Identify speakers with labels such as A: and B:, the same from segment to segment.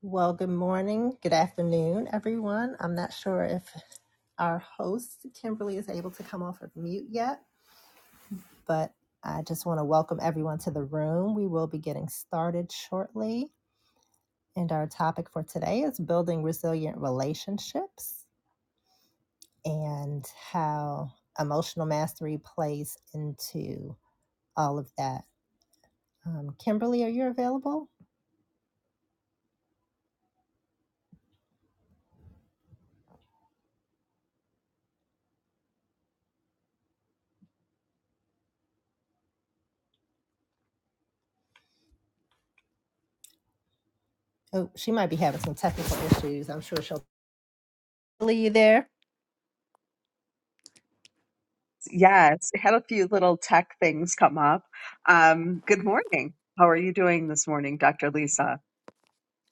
A: Well, good morning, good afternoon, everyone. I'm not sure if our host, Kimberly, is able to come off of mute yet, but I just want to welcome everyone to the room. We will be getting started shortly. And our topic for today is building resilient relationships and how emotional mastery plays into all of that. Um, Kimberly, are you available? Oh, she might be having some technical issues. I'm sure she'll. Kimberly, you there?
B: Yes, had a few little tech things come up. Um, good morning. How are you doing this morning, Dr. Lisa?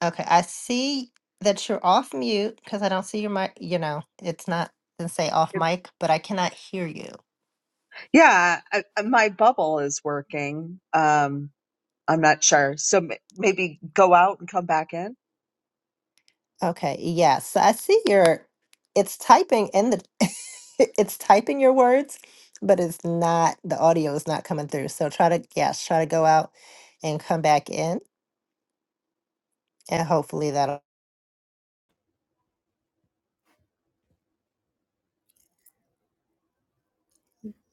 A: Okay, I see that you're off mute because I don't see your mic. You know, it's not doesn't say off
B: Good.
A: mic, but I cannot hear you.
B: Yeah, I, I- my bubble is working. Um, I'm not sure. So m- maybe go out and come back in.
A: Okay, yes, so I see your. It's typing in the. it's typing your words, but it's not the audio is not coming through. So try to yes, try to go out and come back in, and hopefully that'll.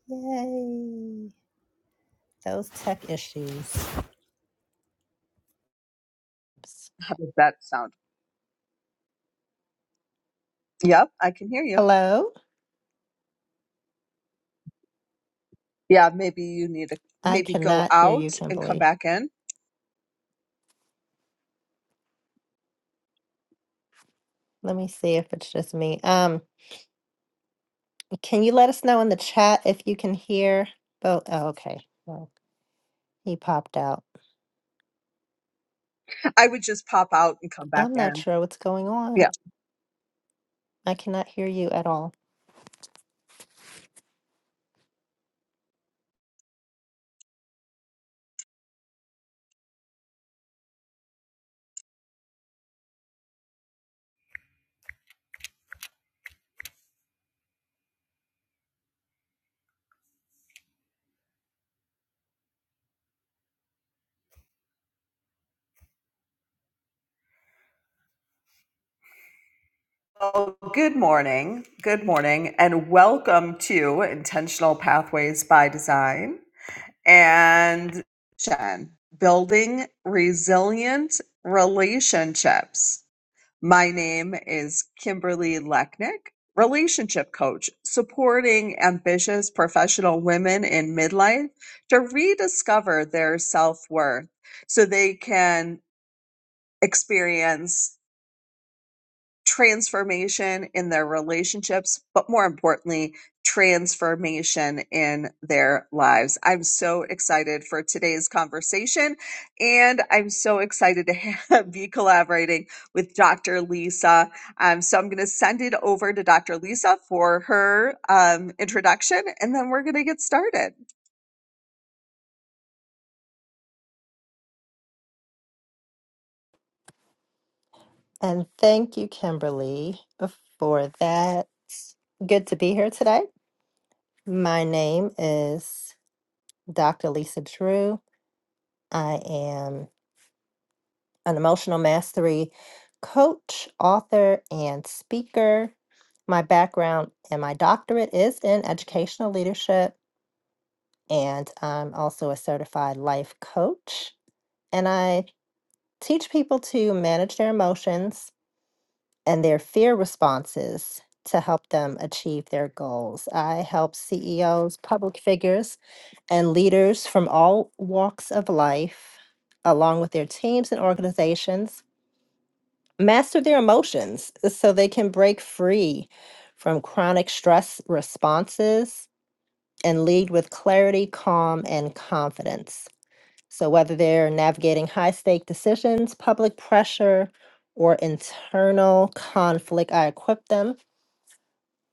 A: Yay! Those tech issues. Oops.
B: How does that sound? Yep, I can hear you.
A: Hello,
B: Yeah, maybe you need to
A: I
B: maybe go
A: cannot hear you,
B: out and come
A: Kimberly.
B: back in.
A: Let me see if it's just me. Um. Can you let us know in the chat if you can hear both? Oh, okay. Well, he popped out.
B: I would just pop out and come back
A: I'm not
B: in.
A: sure what's going on.
B: Yeah.
A: I cannot hear you at all.
B: Oh, good morning. Good morning. And welcome to Intentional Pathways by Design and Jen, building resilient relationships. My name is Kimberly Lechnick, relationship coach, supporting ambitious professional women in midlife to rediscover their self worth so they can experience transformation in their relationships, but more importantly, transformation in their lives. I'm so excited for today's conversation, and I'm so excited to have, be collaborating with Dr. Lisa. Um, so I'm going to send it over to Dr. Lisa for her um, introduction, and then we're going to get started.
A: And thank you, Kimberly, for that. Good to be here today. My name is Dr. Lisa Drew. I am an emotional mastery coach, author, and speaker. My background and my doctorate is in educational leadership and I'm also a certified life coach. And I teach people to manage their emotions and their fear responses to help them achieve their goals. I help CEOs, public figures, and leaders from all walks of life, along with their teams and organizations, master their emotions so they can break free from chronic stress responses and lead with clarity, calm, and confidence. So whether they're navigating high stake decisions, public pressure, or internal conflict, I equip them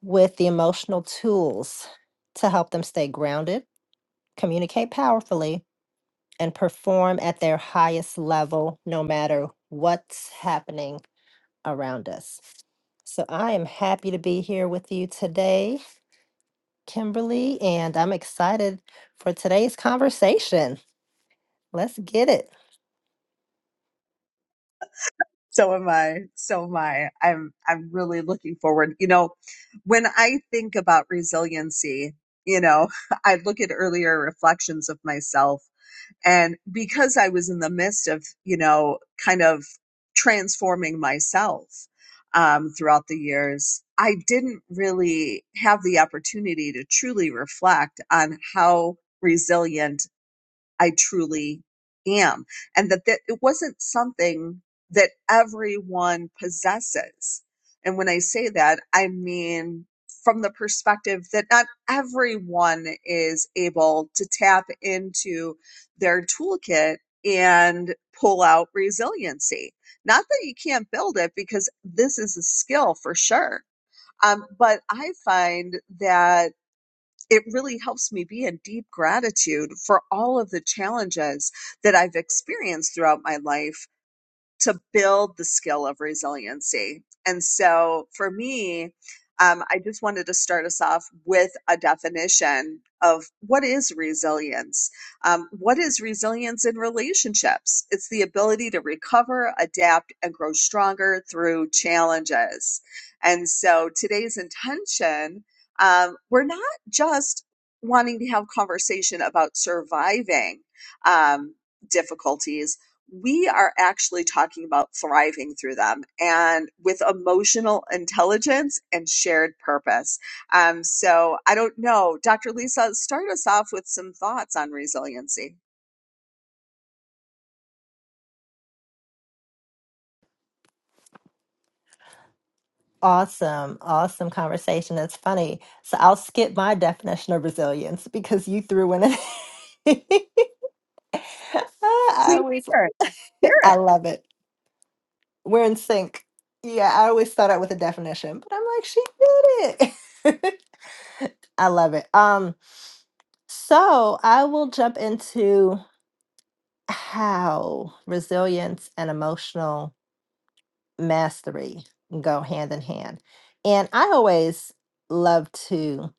A: with the emotional tools to help them stay grounded, communicate powerfully, and perform at their highest level no matter what's happening around us. So I am happy to be here with you today, Kimberly, and I'm excited for today's conversation. Let's get it.
B: So am I. So am I. I'm I'm really looking forward. You know, when I think about resiliency, you know, I look at earlier reflections of myself and because I was in the midst of, you know, kind of transforming myself um throughout the years, I didn't really have the opportunity to truly reflect on how resilient I truly am. And that, that it wasn't something that everyone possesses. And when I say that, I mean from the perspective that not everyone is able to tap into their toolkit and pull out resiliency. Not that you can't build it because this is a skill for sure. Um, but I find that it really helps me be in deep gratitude for all of the challenges that I've experienced throughout my life to build the skill of resiliency. And so for me, um, I just wanted to start us off with a definition of what is resilience. Um, what is resilience in relationships? It's the ability to recover, adapt, and grow stronger through challenges. And so today's intention, um, we're not just wanting to have conversation about surviving um, difficulties we are actually talking about thriving through them and with emotional intelligence and shared purpose. Um, so I don't know, Dr. Lisa, start us off with some thoughts on resiliency.
A: Awesome, awesome conversation. It's funny. So I'll skip my definition of resilience because you threw in it. I
B: Please
A: always,
B: share. it. Share it.
A: I love it. We're in sync. Yeah, I always start out with a definition, but I'm like, she did it. I love it. Um, so I will jump into. how resilience and emotional mastery go hand in hand. And I always love to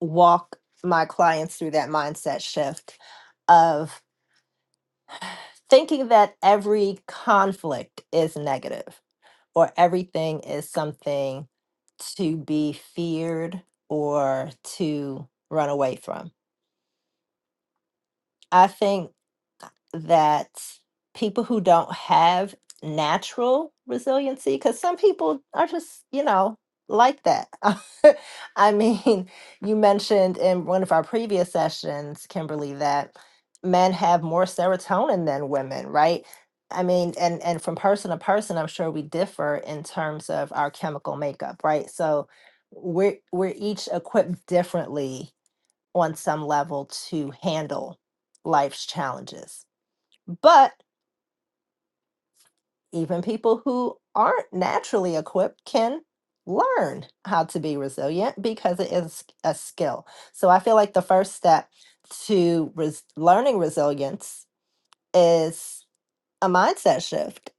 A: walk my clients through that mindset shift of thinking that every conflict is negative or everything is something to be feared or to run away from. I think that people who don't have natural resiliency, because some people are just, you know, like that. I mean, you mentioned in one of our previous sessions, Kimberly, that men have more serotonin than women, right? I mean, and and from person to person, I'm sure we differ in terms of our chemical makeup, right? So we're we're each equipped differently on some level to handle life's challenges. But even people who aren't naturally equipped can learn how to be resilient because it is a skill. So I feel like the first step to res- learning resilience is a mindset shift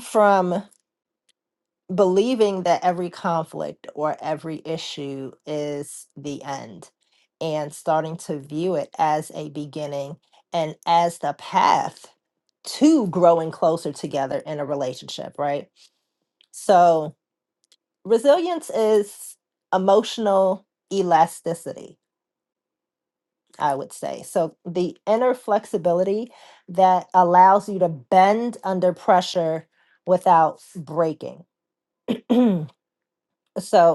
A: from believing that every conflict or every issue is the end and starting to view it as a beginning and as the path to growing closer together in a relationship, right? So resilience is emotional elasticity, I would say. So the inner flexibility that allows you to bend under pressure without breaking. so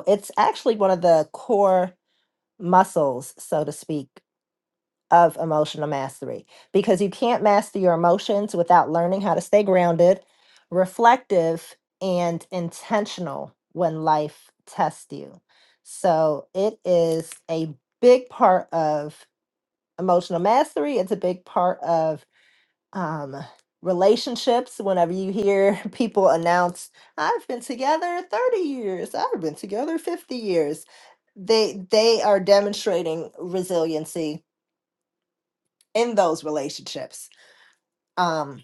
A: it's actually one of the core muscles, so to speak, of emotional mastery because you can't master your emotions without learning how to stay grounded, reflective, and intentional when life tests you. So it is a big part of emotional mastery. It's a big part of um, relationships. Whenever you hear people announce, I've been together 30 years, I've been together 50 years, they, they are demonstrating resiliency in those relationships. Um,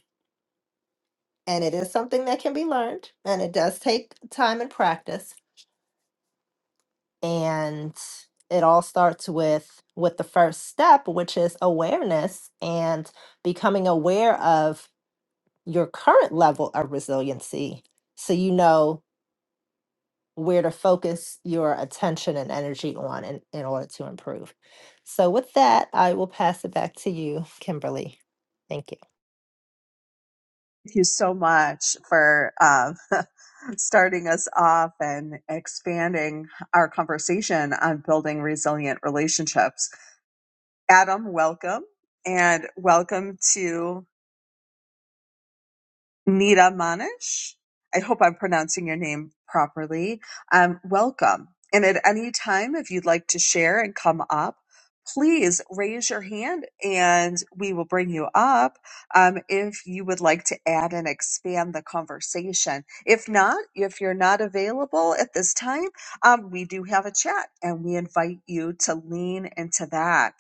A: and it is something that can be learned, and it does take time and practice. And it all starts with with the first step, which is awareness and becoming aware of your current level of resiliency, so you know where to focus your attention and energy on in, in order to improve. So with that, I will pass it back to you, Kimberly. Thank you.
B: Thank you so much for um, starting us off and expanding our conversation on building resilient relationships. Adam, welcome. And welcome to Nita Manish. I hope I'm pronouncing your name properly. Um, welcome. And at any time, if you'd like to share and come up, please raise your hand and we will bring you up um, if you would like to add and expand the conversation. If not, if you're not available at this time, um, we do have a chat and we invite you to lean into that.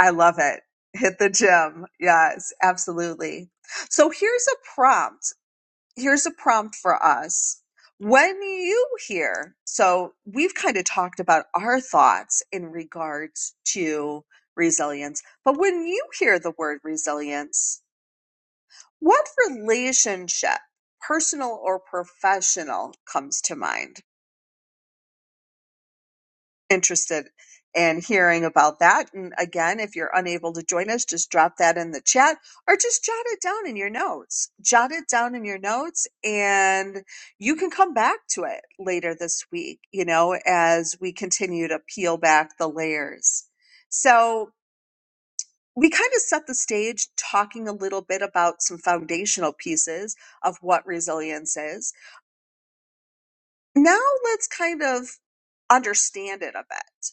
B: I love it. Hit the gym. Yes, absolutely. So here's a prompt here's a prompt for us. When you hear, so we've kind of talked about our thoughts in regards to resilience, but when you hear the word resilience, what relationship, personal or professional, comes to mind? interested in hearing about that. And again, if you're unable to join us, just drop that in the chat or just jot it down in your notes. Jot it down in your notes and you can come back to it later this week, you know, as we continue to peel back the layers. So we kind of set the stage talking a little bit about some foundational pieces of what resilience is. Now let's kind of understand it a bit.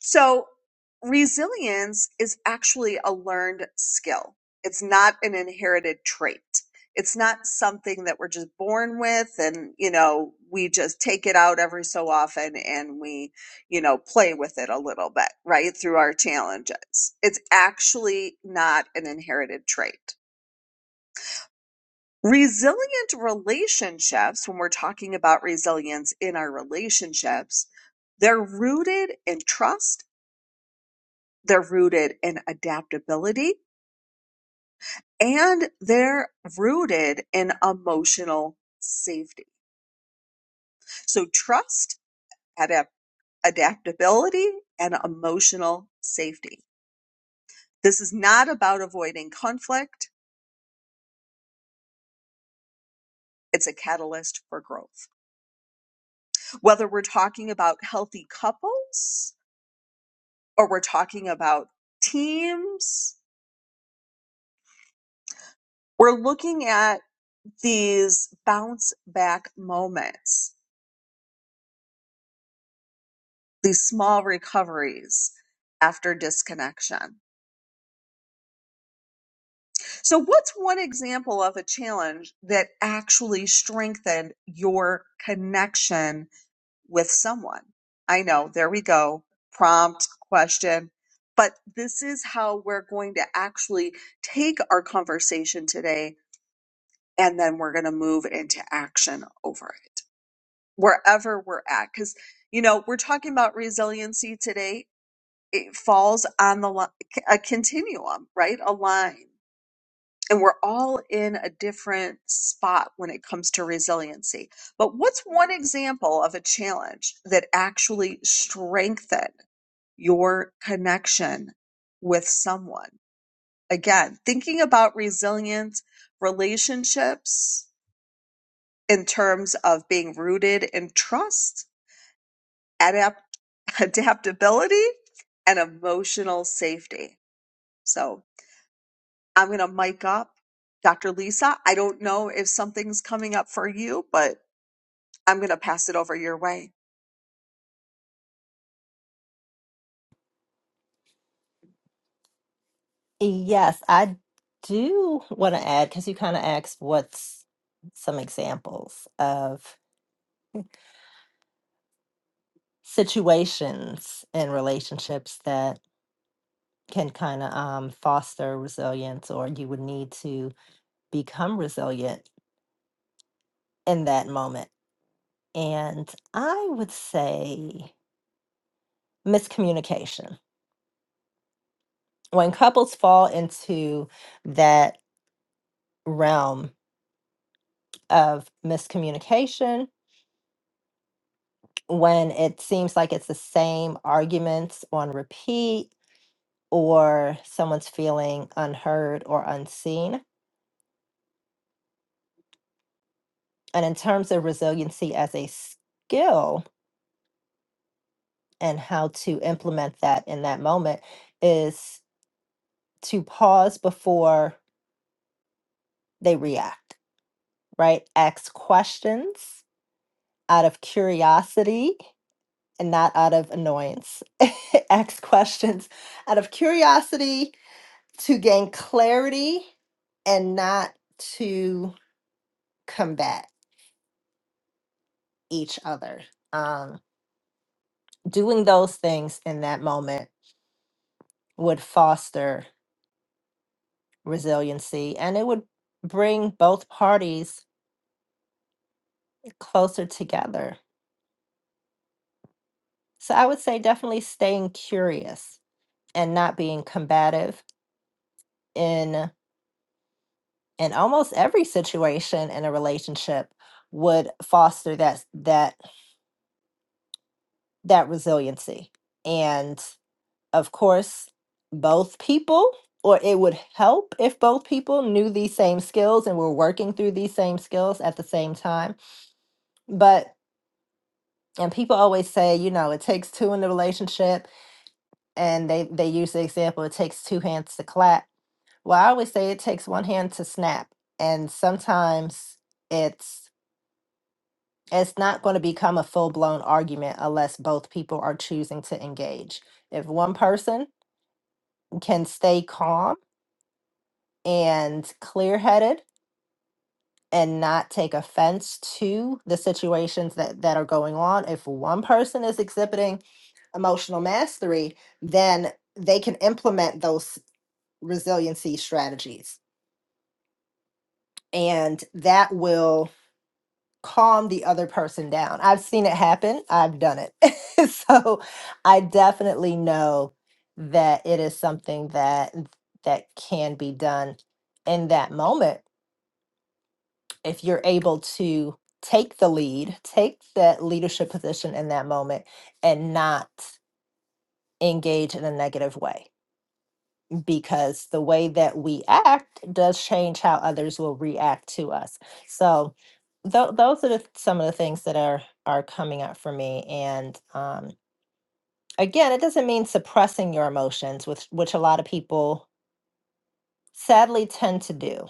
B: So resilience is actually a learned skill. It's not an inherited trait. It's not something that we're just born with and, you know, we just take it out every so often and we, you know, play with it a little bit, right? Through our challenges. It's actually not an inherited trait. Resilient relationships, when we're talking about resilience in our relationships, they're rooted in trust they're rooted in adaptability and they're rooted in emotional safety. So trust, adapt, adaptability, and emotional safety. This is not about avoiding conflict. It's a catalyst for growth. Whether we're talking about healthy couples or we're talking about teams, we're looking at these bounce back moments these small recoveries after disconnection. So, what's one example of a challenge that actually strengthened your connection with someone? I know, there we go. Prompt, question. But this is how we're going to actually take our conversation today, and then we're going to move into action over it, wherever we're at. Because, you know, we're talking about resiliency today, it falls on the li- a continuum, right? A line. And we're all in a different spot when it comes to resiliency. But what's one example of a challenge that actually strengthened your connection with someone? Again, thinking about resilient relationships in terms of being rooted in trust, adapt- adaptability, and emotional safety. So I'm going to mic up. Dr. Lisa, I don't know if something's coming up for you, but I'm going to pass it over your way.
A: Yes, I do want to add because you kind of asked what's some examples of situations and relationships that can kind of um, foster resilience, or you would need to become resilient in that moment. And I would say miscommunication. When couples fall into that realm of miscommunication, when it seems like it's the same arguments on repeat or someone's feeling unheard or unseen. And in terms of resiliency as a skill and how to implement that in that moment is to pause before they react, right? Ask questions out of curiosity and not out of annoyance. Ask questions out of curiosity to gain clarity and not to combat each other. Um, doing those things in that moment would foster resiliency and it would bring both parties closer together. So I would say definitely staying curious and not being combative in in almost every situation in a relationship would foster that that that resiliency and. of course, both people, or it would help if both people knew these same skills and were working through these same skills at the same time. But and people always say, you know, it takes two in the relationship, and they they use the example it takes two hands to clap. Well, I always say it takes one hand to snap, and sometimes it's it's not going to become a full-blown argument unless both people are choosing to engage. If one person can stay calm and clear headed and not take offense to the situations that, that are going on. If one person is exhibiting emotional mastery, then they can implement those resiliency strategies and that will calm the other person down. I've seen it happen, I've done it. so I definitely know that it is something that that can be done in that moment if you're able to take the lead, take that leadership position in that moment and not engage in a negative way because the way that we act does change how others will react to us. So tho- those are the, some of the things that are are coming up for me and um, again it doesn't mean suppressing your emotions which which a lot of people sadly tend to do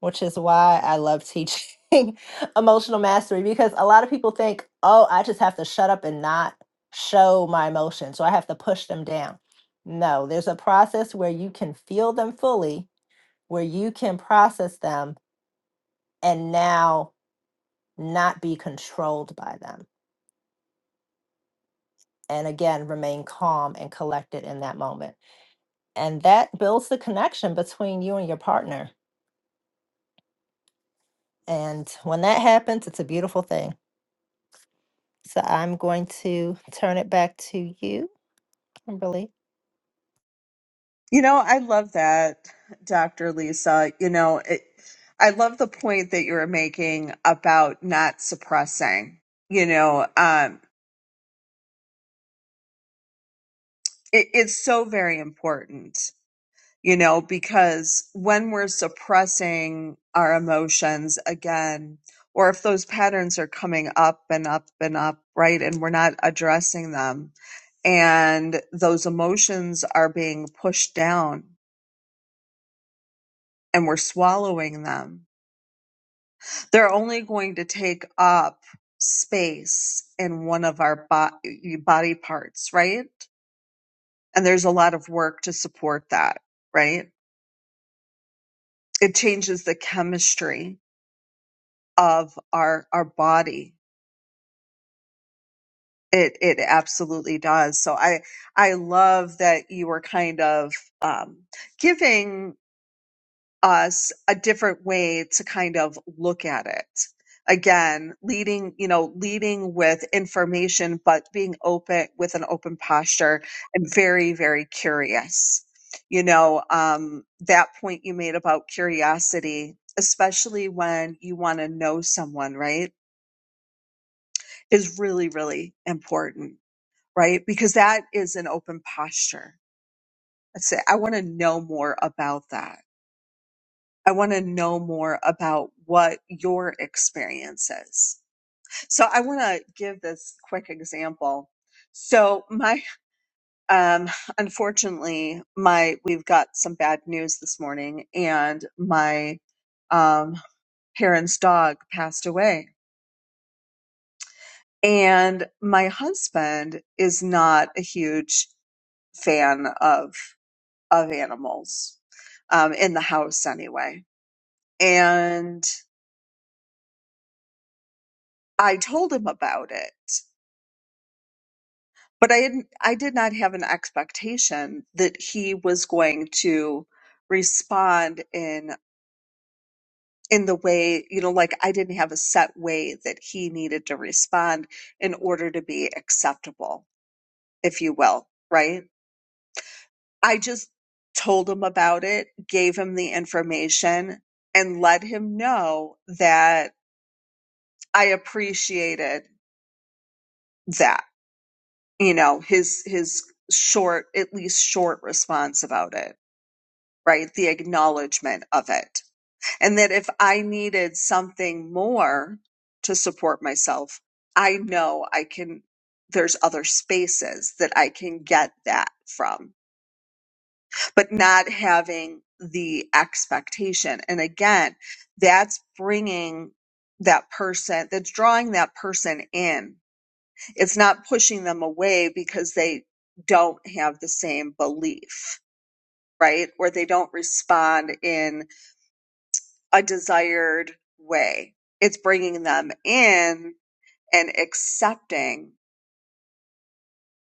A: which is why I love teaching emotional mastery because a lot of people think, oh, I just have to shut up and not show my emotions, so I have to push them down. No, there's a process where you can feel them fully, where you can process them and now not be controlled by them. And again, remain calm and collected in that moment. And that builds the connection between you and your partner. And when that happens, it's a beautiful thing. So I'm going to turn it back to you, Kimberly.
B: You know, I love that, Dr. Lisa. You know, it, I love the point that you were making about not suppressing. You know, um, it, it's so very important. you know, because when we're suppressing our emotions again, or if those patterns are coming up and up and up, right, and we're not addressing them, and those emotions are being pushed down and we're swallowing them, they're only going to take up space in one of our body, body parts, right? And there's a lot of work to support that, right? It changes the chemistry of our our body. It it absolutely does. So I I love that you were kind of um, giving us a different way to kind of look at it. Again, leading you know leading with information, but being open with an open posture and very very curious. You know um, that point you made about curiosity, especially when you want to know someone, right? is really, really important, right? Because that is an open posture. I say, I want to know more about that. I want to know more about what your experience is. So I want to give this quick example. So my, um, unfortunately, my, we've got some bad news this morning and my, um, parents' dog passed away and my husband is not a huge fan of of animals um, in the house anyway, and I told him about it. But I didn't, I did not have an expectation that he was going to respond in in the way you know like I didn't have a set way that he needed to respond in order to be acceptable, if you will, right? I just told him about it, gave him the information, and let him know that I appreciated that, you know, his his short, at least short response about it, right? The acknowledgement of it. And that if I needed something more to support myself, I know I can there's other spaces that I can get that from. But not having the expectation. And again, that's bringing that person, that's drawing that person in It's not pushing them away because they don't have the same belief, right? Or they don't respond in a desired way. It's bringing them in and accepting,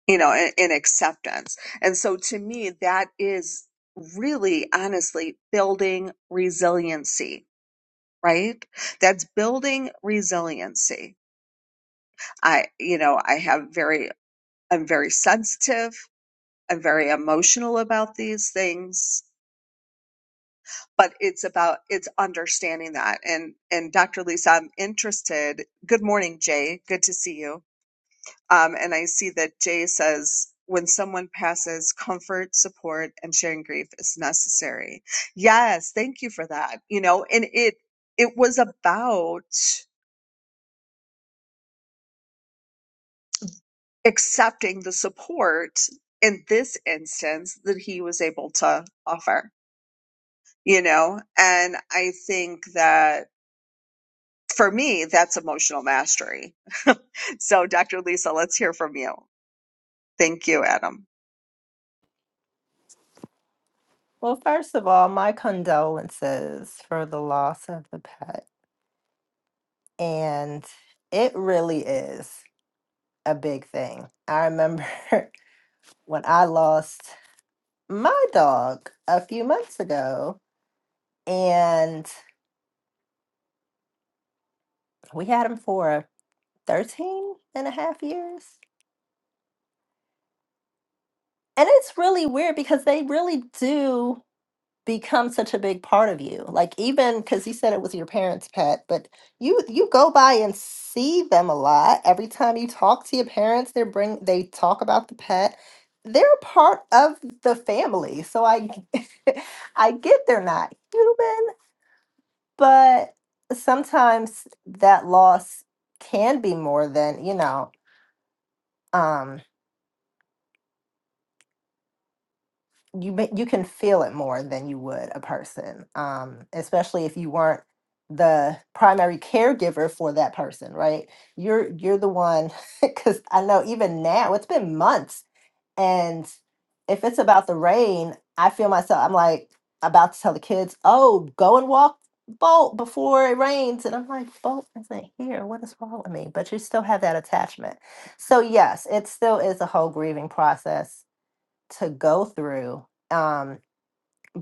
B: you know, in, in acceptance. And so to me, that is really honestly building resiliency, right? That's building resiliency. I, you know, I have very, I'm very sensitive. I'm very emotional about these things, but it's about it's understanding that. And and Dr. Lisa, I'm interested. Good morning, Jay. Good to see you. Um, and I see that Jay says when someone passes, comfort, support, and sharing grief is necessary. Yes, thank you for that. You know, and it it was about accepting the support in this instance that he was able to offer you know and i think that for me, that's emotional mastery. so, Dr. Lisa, let's hear from you. Thank you, Adam.
A: Well, first of all, my condolences for the loss of the pet. And it really is a big thing. I remember when I lost my dog a few months ago, and we had him for 13 and a half years. And it's really weird because they really do. become such a big part of you like even because you said it was your parents pet but you you go by and see them a lot every time you talk to your parents they bring they talk about the pet they're a part of the family so i g- i get they're not human but sometimes that loss can be more than you know um you ma- you can feel it more than you would a person um especially if you weren't the primary caregiver for that person right you're you're the one cuz i know even now it's been months and if it's about the rain i feel myself i'm like about to tell the kids oh go and walk bolt before it rains and i'm like bolt isn't here what is wrong with me but you still have that attachment so yes it still is a whole grieving process to go through. Um,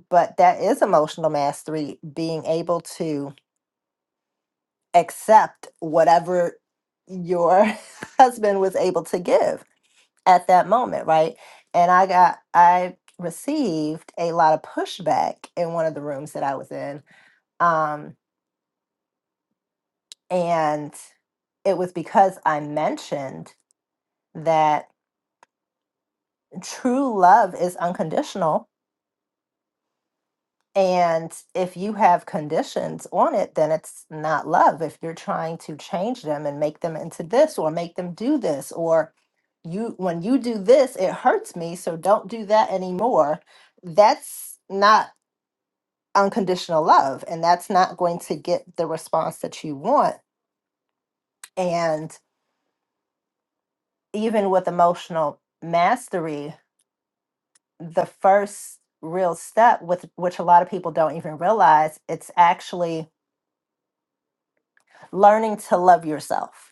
A: but that is emotional mastery, being able to accept whatever your husband was able to give at that moment, right? And I got, I received a lot of pushback in one of the rooms that I was in. Um, and it was because I mentioned that true love is unconditional And if you have conditions on it, then it's not love. If you're trying to change them and make them into this or make them do this, or you, when you do this, it hurts me, so don't do that anymore. That's not unconditional love. And that's not going to get the response that you want. And even with emotional mastery, the first real step with which a lot of people don't even realize it's actually learning to love yourself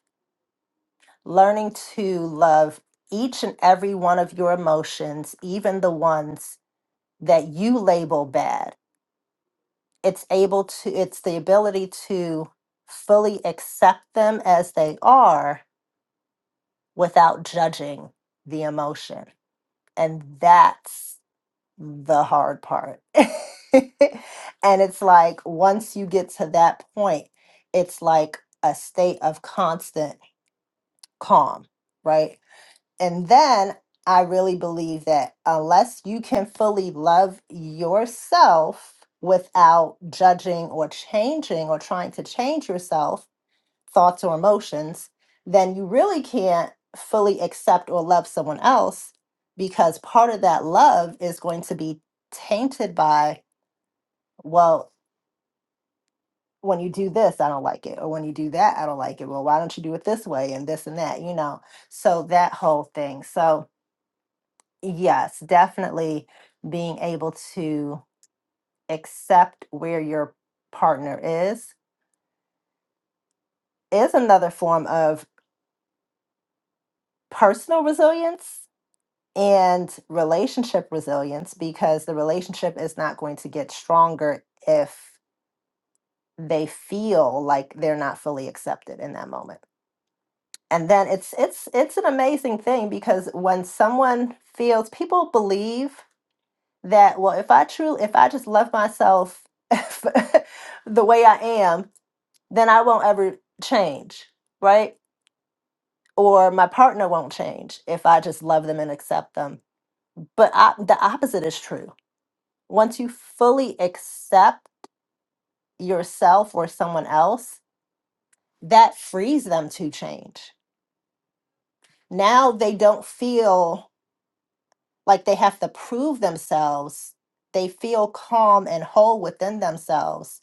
A: learning to love each and every one of your emotions, even the ones that you label bad. It's able to, it's the ability to fully accept them as they are without judging the emotion. And that's the hard part. and it's like once you get to that point, it's like a state of constant calm, right? And then I really believe that unless you can fully love yourself without judging or changing or trying to change yourself, thoughts or emotions, then you really can't fully accept or love someone else because part of that love is going to be tainted by, well, when you do this, I don't like it. Or when you do that, I don't like it. Well, why don't you do it this way and this and that, you know? So that whole thing. So, Yes, definitely being able to accept where your partner is is another form of personal resilience and relationship resilience because the relationship is not going to get stronger if they feel like they're not fully accepted in that moment. And then it's it's it's an amazing thing because when someone feels people believe that well if i truly if i just love myself the way i am then i won't ever change right or my partner won't change if i just love them and accept them but I, the opposite is true once you fully accept yourself or someone else that frees them to change now they don't feel like they have to prove themselves they feel calm and whole within themselves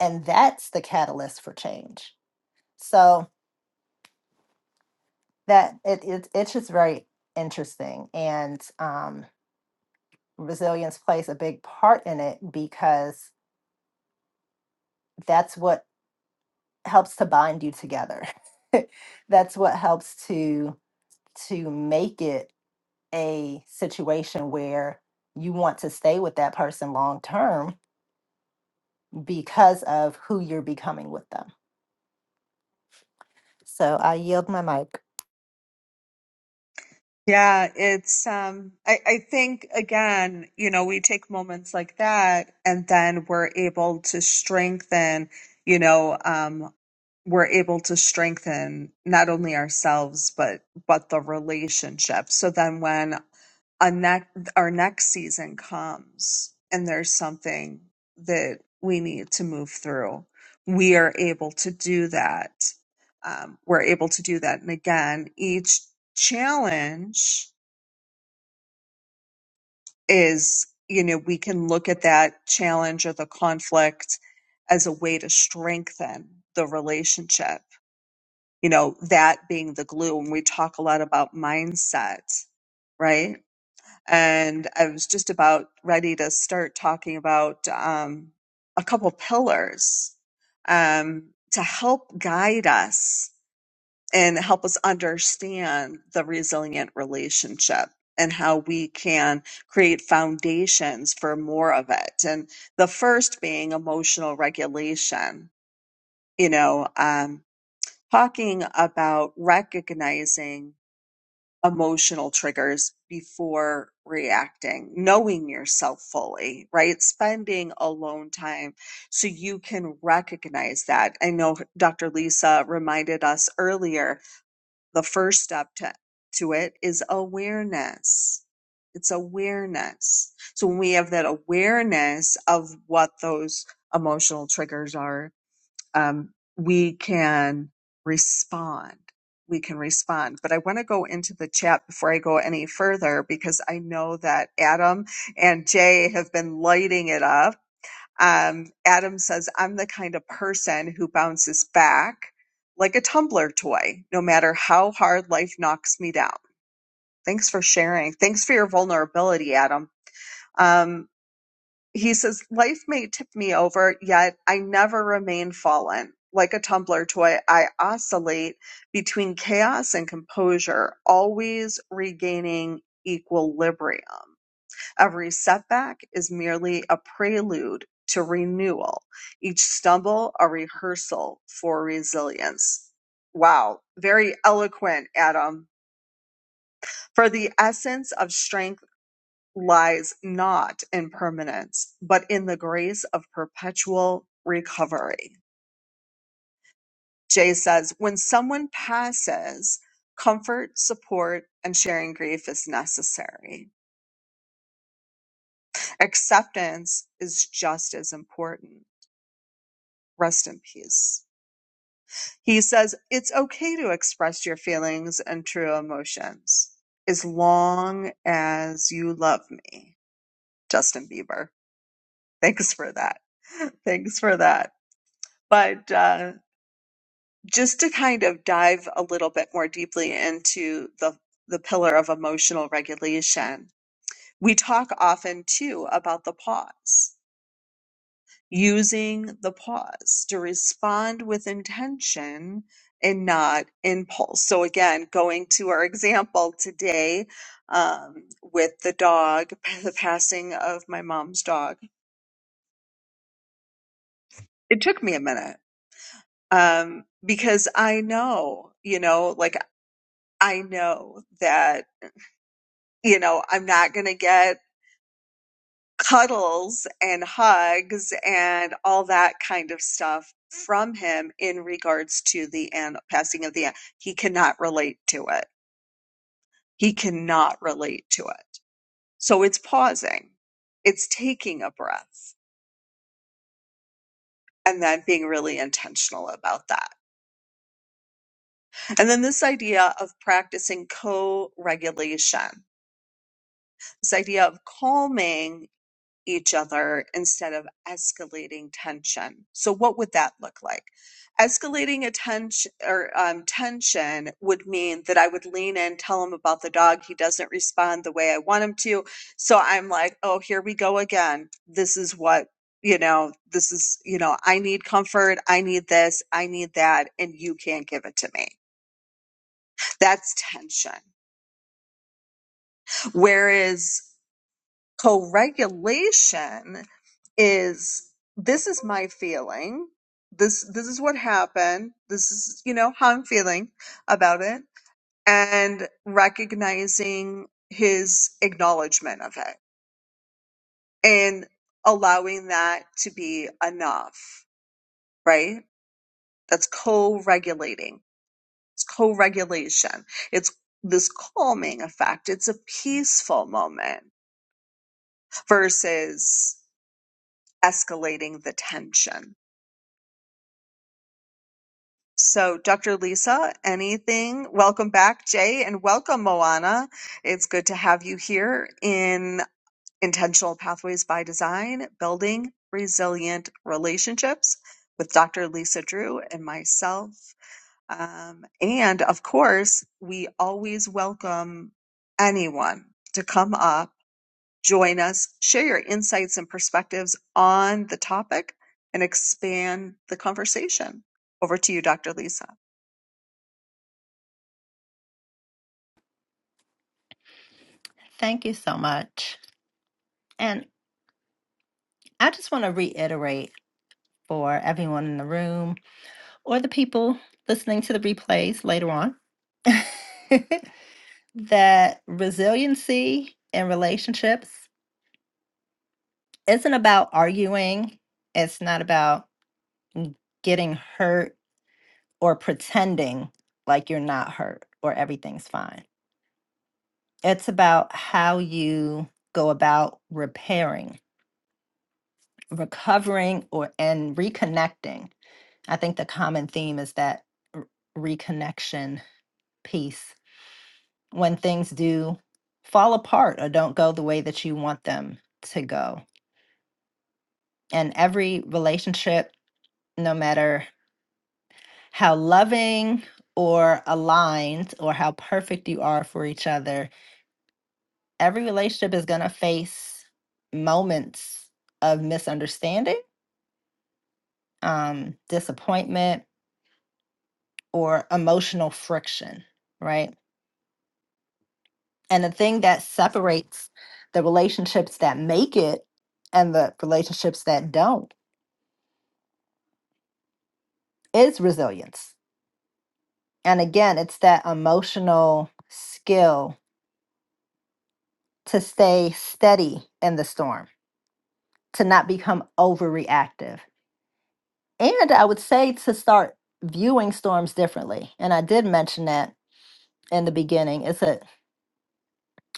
A: and that's the catalyst for change so that it, it it's just very interesting and um, resilience plays a big part in it because that's what helps to bind you together that's what helps to to make it a situation where you want to stay with that person long term because of who you're becoming with them So I yield my mic.
B: Yeah, it's um I, I think again, you know, we take moments like that and then we're able to strengthen, you know, um we're able to strengthen not only ourselves but but the relationship. So then when a neck our next season comes and there's something that we need to move through we are able to do that um, we're able to do that and again each challenge is you know we can look at that challenge or the conflict as a way to strengthen the relationship you know that being the glue and we talk a lot about mindset right and I was just about ready to start talking about um, a couple pillars um, to help guide us and help us understand the resilient relationship and how we can create foundations for more of it. And the first being emotional regulation, you know, um, talking about recognizing emotional triggers before reacting, knowing yourself fully, right? Spending alone time so you can recognize that. I know Dr. Lisa reminded us earlier the first step to, to it is awareness. It's awareness. So when we have that awareness of what those emotional triggers are, um, we can respond. We can respond. But I want to go into the chat before I go any further because I know that Adam and Jay have been lighting it up. Um, Adam says, I'm the kind of person who bounces back like a tumbler toy, no matter how hard life knocks me down. Thanks for sharing. Thanks for your vulnerability, Adam. Um, he says, Life may tip me over, yet I never remain fallen. Like a tumbler toy, I oscillate between chaos and composure, always regaining equilibrium. Every setback is merely a prelude to renewal, each stumble a rehearsal for resilience. Wow, very eloquent, Adam. For the essence of strength lies not in permanence, but in the grace of perpetual recovery. Jay says, when someone passes, comfort, support, and sharing grief is necessary. Acceptance is just as important. Rest in peace. He says, it's okay to express your feelings and true emotions as long as you love me. Justin Bieber. Thanks for that. Thanks for that. But, uh, just to kind of dive a little bit more deeply into the the pillar of emotional regulation we talk often too about the pause using the pause to respond with intention and not impulse so again going to our example today um, with the dog the passing of my mom's dog it took me a minute um, because i know you know like i know that you know, I'm not going to get cuddles and hugs and all that kind of stuff from him in regards to the an- passing of the an- he cannot relate to it. He cannot relate to it. So it's pausing. It's taking a breath and then being really intentional about that. And then this idea of practicing co-regulation. This idea of calming each other instead of escalating tension. So, what would that look like? Escalating attention or um, tension would mean that I would lean in, tell him about the dog. He doesn't respond the way I want him to. So I'm like, oh, here we go again. This is what, you know, this is, you know, I need comfort. I need this. I need that. And you can't give it to me. That's tension. Whereas co-regulation is this is my feeling this this is what happened this is you know how i'm feeling about it and recognizing his acknowledgement of it and allowing that to be enough right that's co-regulating it's co-regulation it's this calming effect it's a peaceful moment versus escalating the tension So, Dr. Lisa, anything? Welcome back, Jay, and welcome, Moana. It's good to have you here in Intentional Pathways by Design, Building Resilient Relationships with Dr. Lisa Drew and myself. Um, and of course, we always welcome anyone to come up Join us, share your insights and perspectives on the topic, and expand the conversation. Over to you, Dr. Lisa.
A: Thank you so much. And I just want to reiterate for everyone in the room or the people listening to the replays later on that resiliency in relationships isn't about arguing. It's not about getting hurt or pretending like you're not hurt or everything's fine. It's about how you go about repairing, recovering, or and reconnecting. I think the common theme is that r- reconnection piece when things do fall apart or don't go the way that you want them to go. And every relationship, no matter how loving or aligned or how perfect you are for each other. Every relationship is going to face moments of misunderstanding, um, disappointment, or emotional friction, right? And the thing that separates the relationships that make it and the relationships that don't is resilience. And again, it's that emotional skill to stay steady in the storm to not become overreactive. And I would say to start viewing storms differently. And I did mention that in the beginning. It's a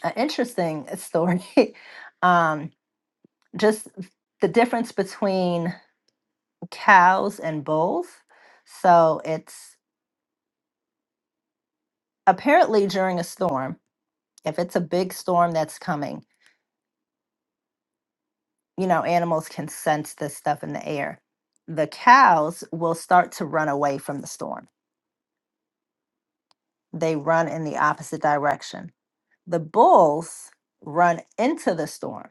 A: an interesting story. um, just the difference between cows and bulls. So it's apparently during a storm, if it's a big storm that's coming, you know, animals can sense this stuff in the air. The cows will start to run away from the storm. They run in the opposite direction the bulls run into the storm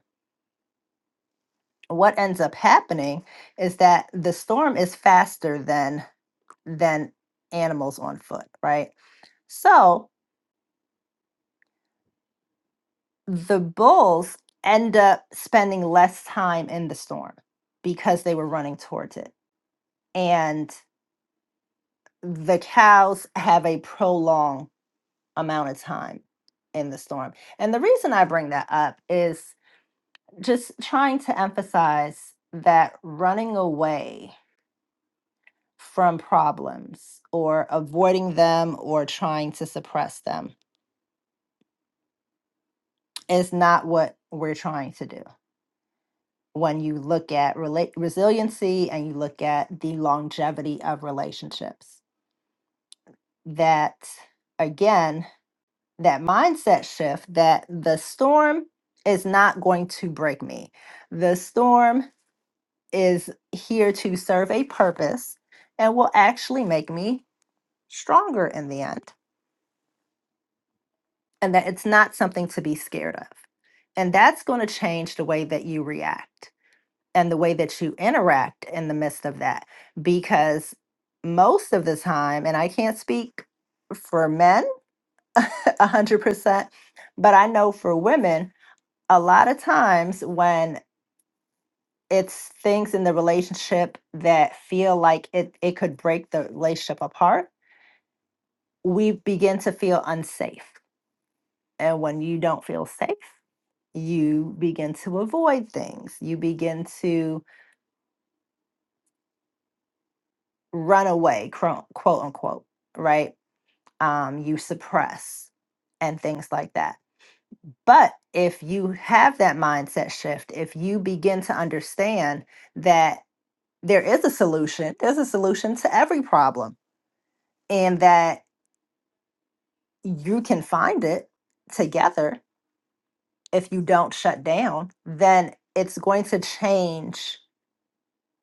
A: what ends up happening is that the storm is faster than than animals on foot right so the bulls end up spending less time in the storm because they were running towards it and the cows have a prolonged amount of time in the storm and the reason i bring that up is just trying to emphasize that running away from problems or avoiding them or trying to suppress them is not what we're trying to do. When you look at rela- resiliency and you look at the longevity of relationships, that again, that mindset shift that the storm is not going to break me. The storm is here to serve a purpose and will actually make me stronger in the end and that it's not something to be scared of. And that's going to change the way that you react and the way that you interact in the midst of that. Because most of the time, and I can't speak for men 100%, but I know for women, a lot of times when it's things in the relationship that feel like it, it could break the relationship apart, we begin to feel unsafe. And when you don't feel safe, you begin to avoid things you begin to run away quote quote unquote right um you suppress and things like that but if you have that mindset shift if you begin to understand that there is a solution there's a solution to every problem and that you can find it together if you don't shut down then it's going to change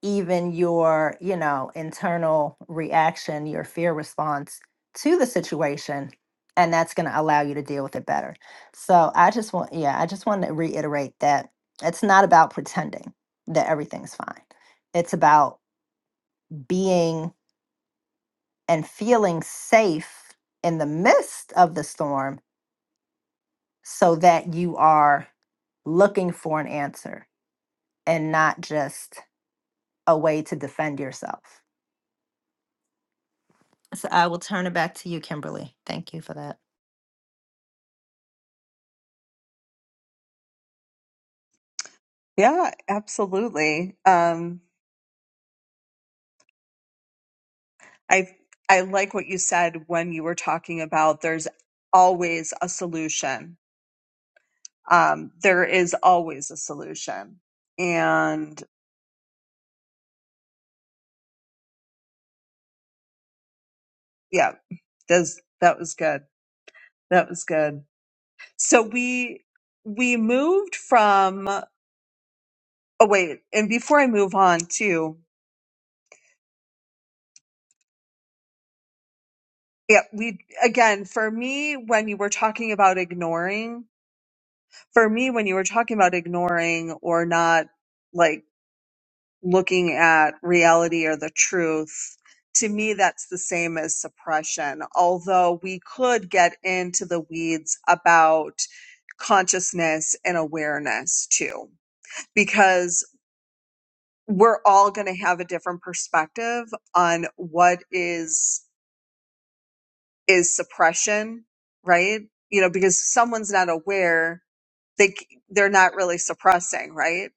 A: even your, you know, internal reaction, your fear response to the situation. And that's going to allow you to deal with it better. So I just want, yeah, I just want to reiterate that it's not about pretending that everything's fine. It's about being and feeling safe in the midst of the storm so that you are looking for an answer and not just a way to defend yourself. So I will turn it back to you, Kimberly. Thank you for that.
B: Yeah, absolutely. Um, I I like what you said when you were talking about there's always a solution. Um, there is always a solution, and. yeah those that was good that was good so we we moved from oh wait and before i move on too yeah we again for me when you were talking about ignoring for me when you were talking about ignoring or not like looking at reality or the truth to me that's the same as suppression although we could get into the weeds about consciousness and awareness too because we're all going to have a different perspective on what is is suppression right you know because someone's not aware they they're not really suppressing right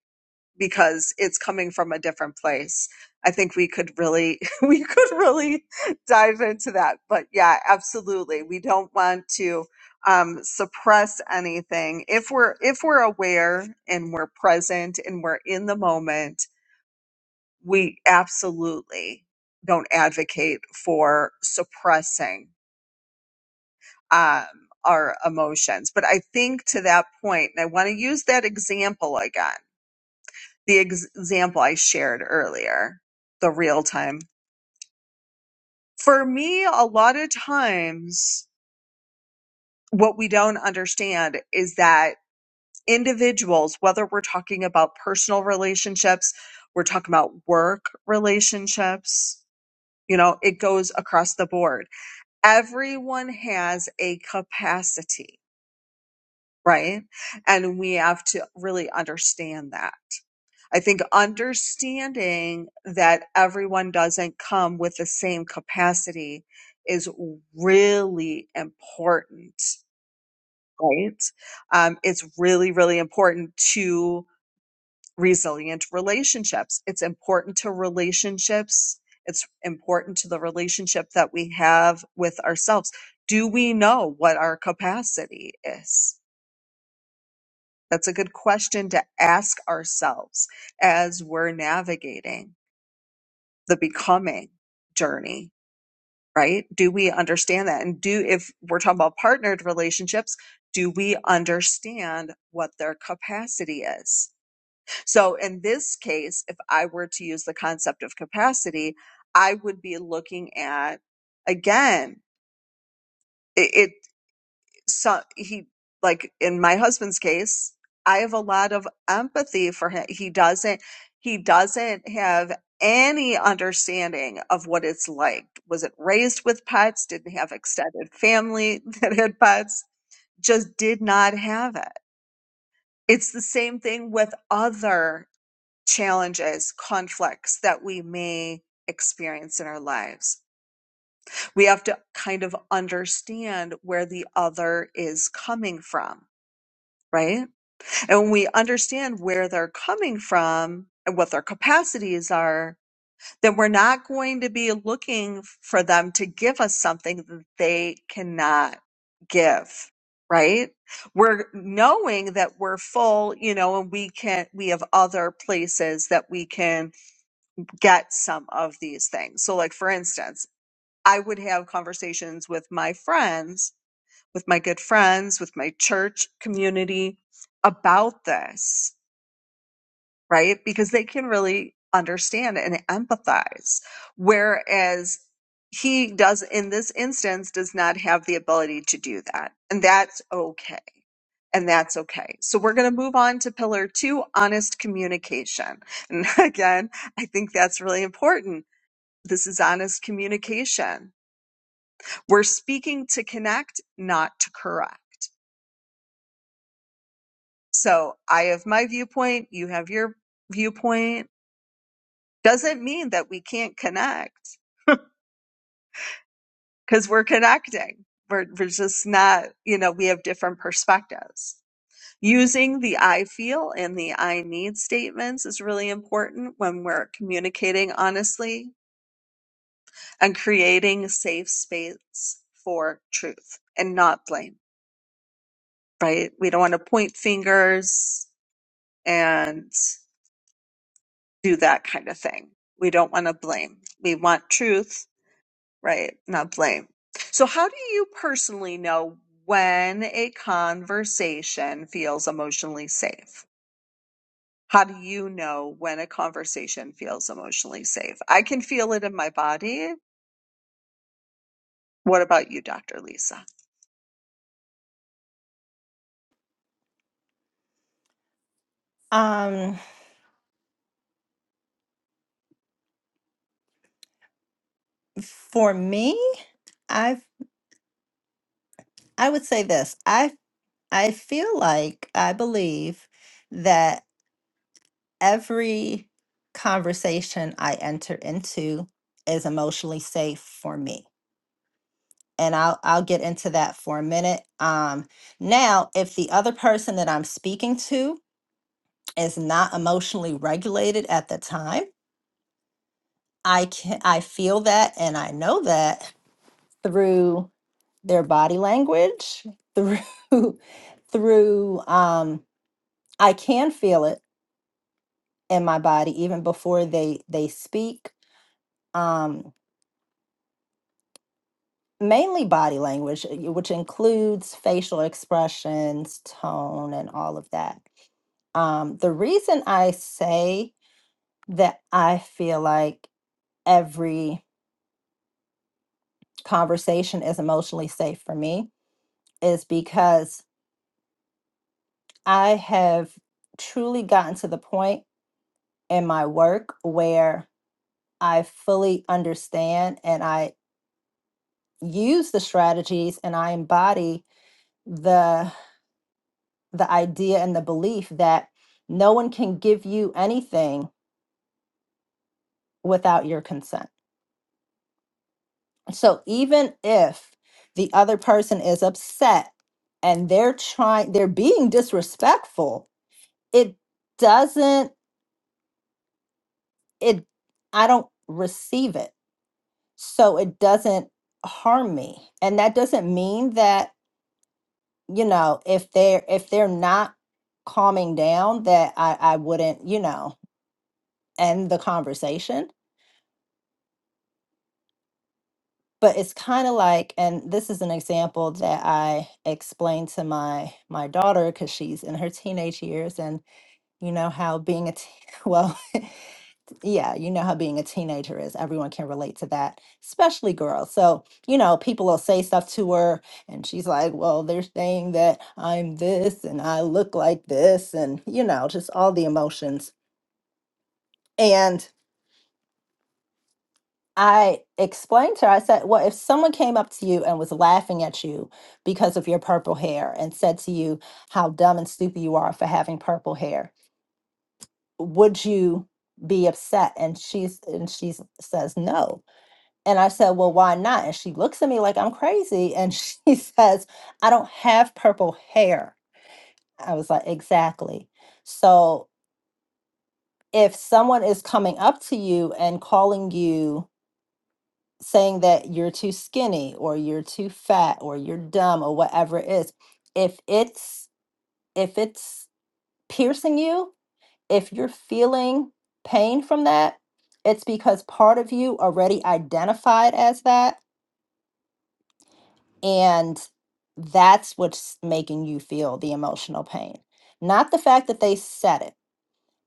B: because it's coming from a different place i think we could really we could really dive into that but yeah absolutely we don't want to um, suppress anything if we're if we're aware and we're present and we're in the moment we absolutely don't advocate for suppressing um, our emotions. But I think to that point, and I want to use that example again, the ex- example I shared earlier, the real time. For me, a lot of times, what we don't understand is that individuals, whether we're talking about personal relationships, we're talking about work relationships, you know, it goes across the board everyone has a capacity, right? And we have to really understand that. I think understanding that everyone doesn't come with the same capacity is really important, right? Um, it's really, really important to resilient relationships. It's important to relationships. It's important to the relationship that we have with ourselves. Do we know what our capacity is? That's a good question to ask ourselves as we're navigating the becoming journey, right? Do we understand that? And do, if we're talking about partnered relationships, do we understand what their capacity is? So in this case, if I were to use the concept of capacity, I would be looking at again it, it so he like in my husband's case, I have a lot of empathy for him. He doesn't he doesn't have any understanding of what it's like. Wasn't raised with pets, didn't have extended family that had pets, just did not have it. It's the same thing with other challenges, conflicts that we may experience in our lives. We have to kind of understand where the other is coming from, right? And when we understand where they're coming from and what their capacities are, then we're not going to be looking for them to give us something that they cannot give, right? We're knowing that we're full, you know, and we can, we have other places that we can get some of these things. So, like for instance, I would have conversations with my friends, with my good friends, with my church community about this, right? Because they can really understand and empathize. Whereas he does in this instance does not have the ability to do that. And that's okay. And that's okay. So we're going to move on to pillar two, honest communication. And again, I think that's really important this is honest communication. We're speaking to connect, not to correct. So I have my viewpoint, you have your viewpoint. Doesn't mean that we can't connect because we're connecting. We're, we're just not, you know, we have different perspectives. Using the I feel and the I need statements is really important when we're communicating honestly and creating a safe space for truth and not blame. right? We don't want to point fingers and do that kind of thing. We don't want to blame. We want truth, right? Not blame. So, how do you personally know when a conversation feels emotionally safe? How do you know when a conversation feels emotionally safe? I can feel it in my body. What about you, Dr. Lisa?
A: Um, for me, I I would say this. I I feel like I believe that every conversation I enter into is emotionally safe for me. And I'll I'll get into that for a minute. Um, now, if the other person that I'm speaking to is not emotionally regulated at the time, I can I feel that and I know that through their body language, through through um I can feel it in my body even before they they speak. Um mainly body language, uh, which includes facial expressions, tone and all of that. Um the reason I say that I feel like every conversation is emotionally safe for me is because I have truly gotten to the point in my work where I fully understand and I use the strategies and I embody the the idea and the belief that no one can give you anything without your consent. So even if the other person is upset and they're trying they're being disrespectful, it doesn't it I don't receive it. So it doesn't harm me. And that doesn't mean that you know, if they're if they're not calming down, that I I wouldn't, you know, end the conversation. But it's kind of like, and this is an example that I explained to my my daughter because she's in her teenage years, and you know how being a teen, well. yeah, you know how being a teenager is. Everyone can relate to that, especially girls. So, you know, people will say stuff to her, and she's like, Well, they're saying that I'm this and I look like this, and, you know, just all the emotions. And I explained to her, I said, Well, if someone came up to you and was laughing at you because of your purple hair and said to you how dumb and stupid you are for having purple hair, would you be upset? And she's, and she says, No. And I said, Well, why not? And she looks at me like I'm crazy. And she says, I don't have purple hair. I was like, Exactly. So if someone is coming up to you and calling you, saying that you're too skinny or you're too fat or you're dumb or whatever it is, if it's if it's piercing you, if you're feeling pain from that, it's because part of you already identified as that And that's what's making you feel the emotional pain. Not the fact that they said it,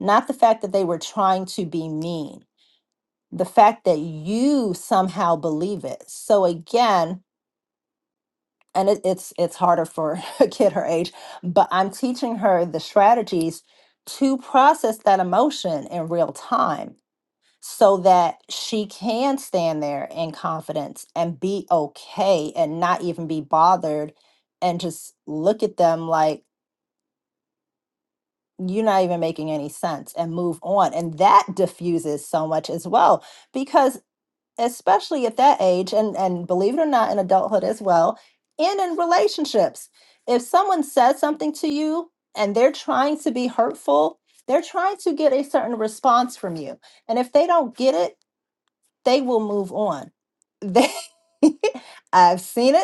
A: not the fact that they were trying to be mean, the fact that you somehow believe it. So again, and it, it's it's harder for a kid her age, but I'm teaching her the strategies to process that emotion in real time so that she can stand there in confidence and be okay and not even be bothered and just look at them like you're not even making any sense and move on and that diffuses so much as well because especially at that age and and believe it or not in adulthood as well and in relationships if someone says something to you and they're trying to be hurtful they're trying to get a certain response from you and if they don't get it they will move on. They, I've seen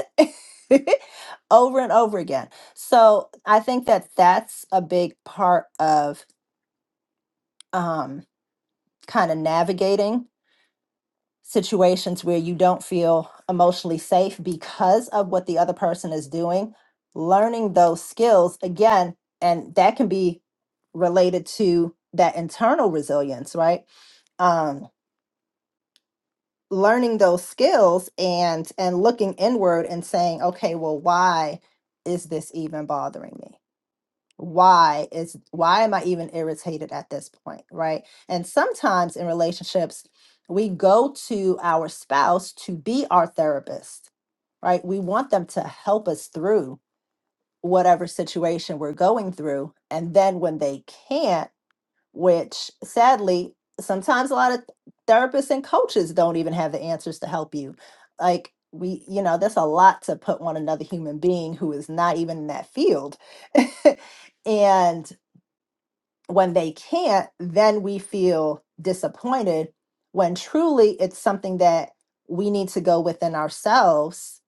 A: it over and over again. So I think that that's a big part of um, kind of navigating situations where you don't feel emotionally safe because of what the other person is doing. Learning those skills again, and that can be related to that internal resilience, right? Um, learning those skills and and looking inward and saying okay well why is this even bothering me why is why am i even irritated at this point right and sometimes in relationships we go to our spouse to be our therapist right we want them to help us through whatever situation we're going through and then when they can't which sadly, sometimes a lot of therapists and coaches don't even have the answers to help you. Like, we, you know, that's a lot to put on another human being who is not even in that field. and when they can't, then we feel disappointed when truly it's something that we need to go within ourselves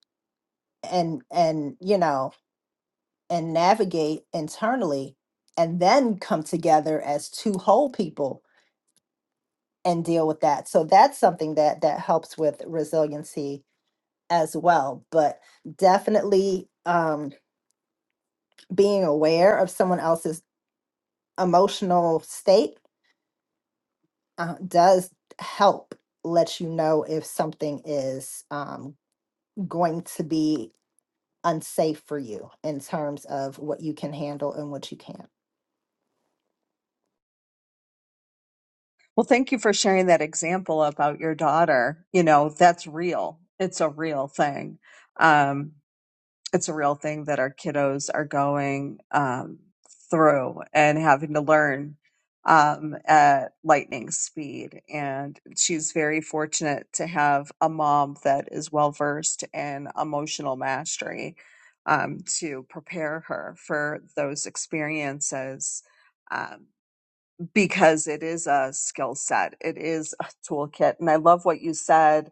A: and, and, you know, and navigate internally and then come together as two whole people and deal with that. So that's something that that helps with resiliency as well. But definitely um, being aware of someone else's emotional state uh, does help let you know if something is um, going to be unsafe for you in terms of what you can handle and what you can't.
B: Well, thank you for sharing that example about your daughter. You know, that's real. It's a real thing. Um, it's a real thing that our kiddos are going um, through and having to learn um, at lightning speed. And she's very fortunate to have a mom that is well versed in emotional mastery um, to prepare her for those experiences. Um, because it is a skill set, it is a toolkit. And I love what you said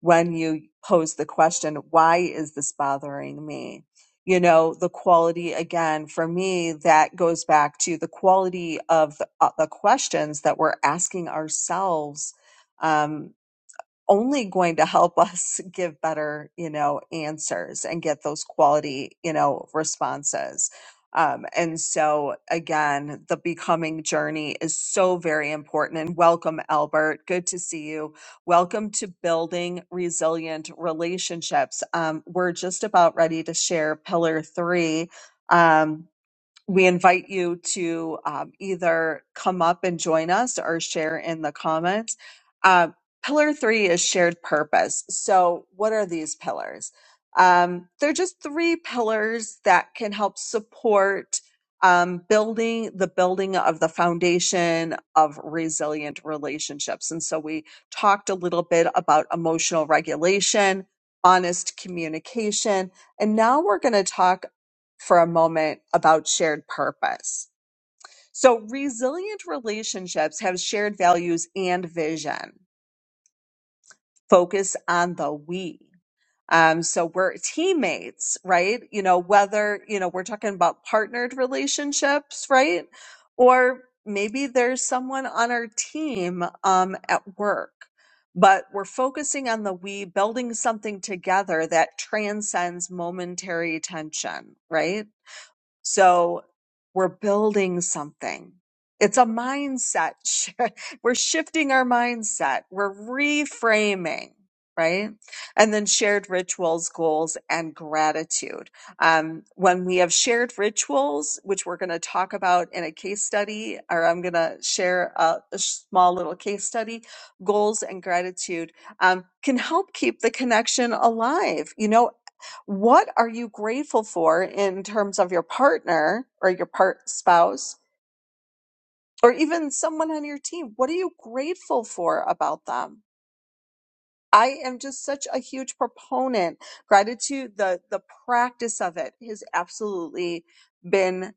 B: when you pose the question, why is this bothering me? You know, the quality again, for me, that goes back to the quality of the, uh, the questions that we're asking ourselves. um, only going to help us give better, you know, answers and get those quality, you know, responses. Um, and so again, the becoming journey is so very important. And welcome, Albert. Good to see you. Welcome to building resilient relationships. Um, we're just about ready to share pillar three. Um, we invite you to um, either come up and join us or share in the comments. Uh, pillar three is shared purpose. So, what are these pillars? Um, they're just three pillars that can help support um, building the building of the foundation of resilient relationships. And so, we talked a little bit about emotional regulation, honest communication, and now we're going to talk for a moment about shared purpose. So, resilient relationships have shared values and vision, focus on the we. Um, so we're teammates, right? You know, whether, you know, we're talking about partnered relationships, right? Or maybe there's someone on our team um, at work, but we're focusing on the we, building something together that transcends momentary tension, right? So we're building something. It's a mindset. We're shifting our mindset. We're reframing, right? And then shared rituals, goals, and gratitude. Um, when we have shared rituals, which we're going to talk about in a case study, or I'm going to share a, a small little case study, goals and gratitude um, can help keep the connection alive. You know, what are you grateful for in terms of your partner or your part spouse or even someone on your team? What are you grateful for about them? I am just such a huge proponent. Gratitude, the the practice of it has absolutely been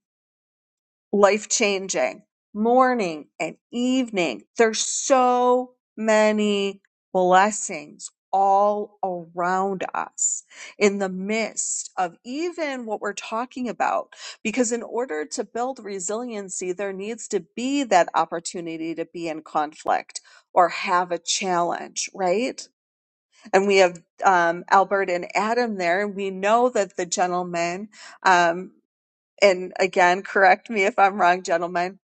B: life changing, morning and evening. There's so many blessings all around us in the midst of even what we're talking about. Because in order to build resiliency, there needs to be that opportunity to be in conflict or have a challenge, right? And we have um, Albert and Adam there, and we know that the gentleman um, and again, correct me if I'm wrong, gentlemen,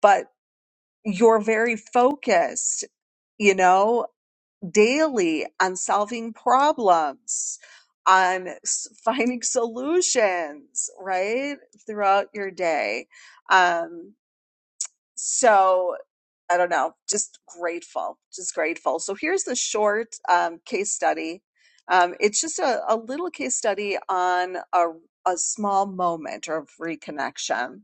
B: but you're very focused, you know, daily on solving problems, on s- finding solutions, right? Throughout your day. Um, so I don't know, just grateful, just grateful. So here's the short um, case study. Um, it's just a, a little case study on a, a small moment of reconnection.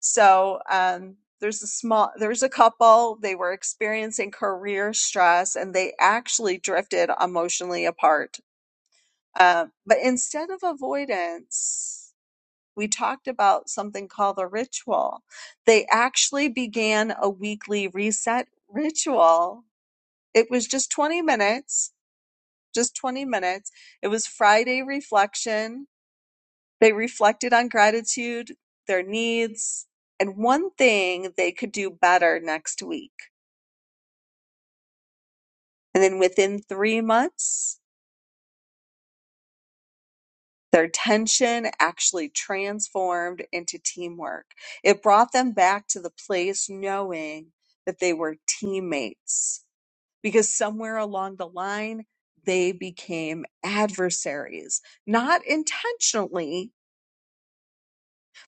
B: So um, there's a small, there's a couple. They were experiencing career stress, and they actually drifted emotionally apart. Uh, but instead of avoidance, we talked about something called a ritual. They actually began a weekly reset ritual. It was just 20 minutes, just 20 minutes. It was Friday reflection they reflected on gratitude, their needs, and one thing they could do better next week. And then within three months, their tension actually transformed into teamwork. It brought them back to the place knowing that they were teammates because somewhere along the line, they became adversaries, not intentionally,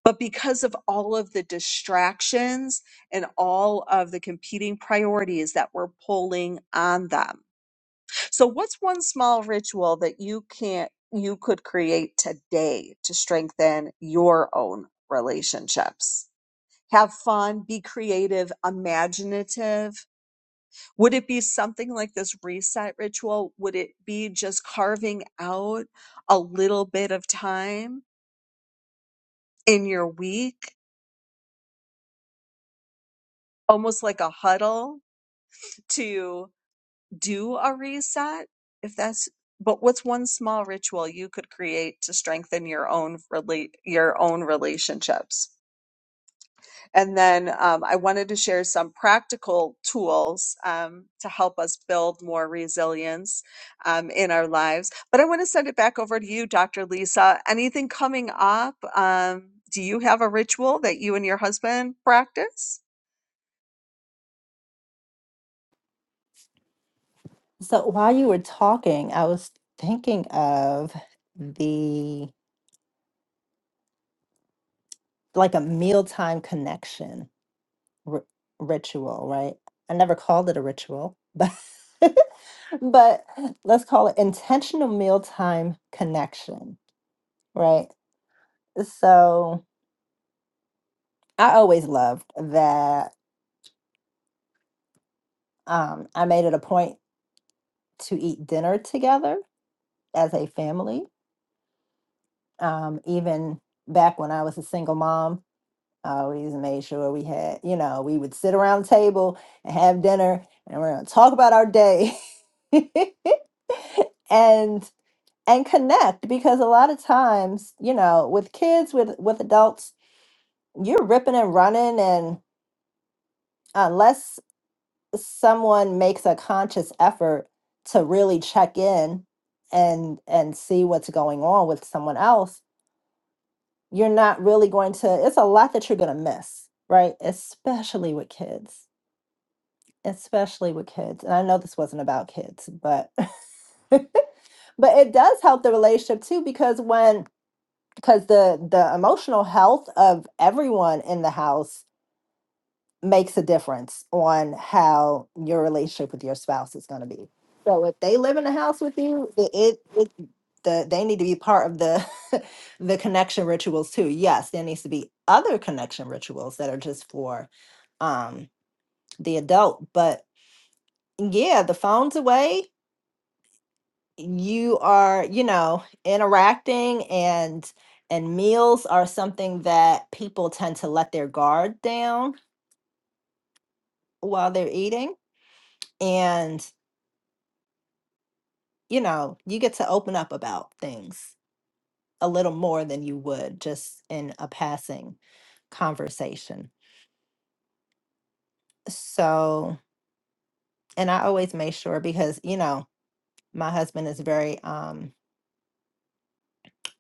B: But because of all of the distractions and all of the competing priorities that we're pulling on them. So what's one small ritual that you can't you could create today to strengthen your own relationships? Have fun, be creative, imaginative. Would it be something like this reset ritual? Would it be just carving out a little bit of time in your week, almost like a huddle to do a reset if that's but what's one small ritual you could create to strengthen your own relate your own relationships and then um, i wanted to share some practical tools um, to help us build more resilience um, in our lives but i want to send it back over to you dr lisa anything coming up um, do you have a ritual that you and your husband practice
A: So while you were talking, I was thinking of the like a mealtime connection ri ritual, right? I never called it a ritual, but but let's call it intentional mealtime connection, right? So I always loved that um, I made it a point to eat dinner together as a family. Um, even back when I was a single mom, I always made sure we had, you know, we would sit around the table and have dinner and we're going to talk about our day. and and connect because a lot of times you know with kids with with adults you're ripping and running and unless someone makes a conscious effort to really check in and and see what's going on with someone else you're not really going to it's a lot that you're going to miss right especially with kids especially with kids and i know this wasn't about kids but but it does help the relationship too because when because the the emotional health of everyone in the house makes a difference on how your relationship with your spouse is going to be so if they live in the house with you it, it, it the, they need to be part of the the connection rituals too yes there needs to be other connection rituals that are just for um the adult but yeah the phone's away you are you know interacting and and meals are something that people tend to let their guard down while they're eating and you know you get to open up about things a little more than you would just in a passing conversation so and i always make sure because you know my husband is very um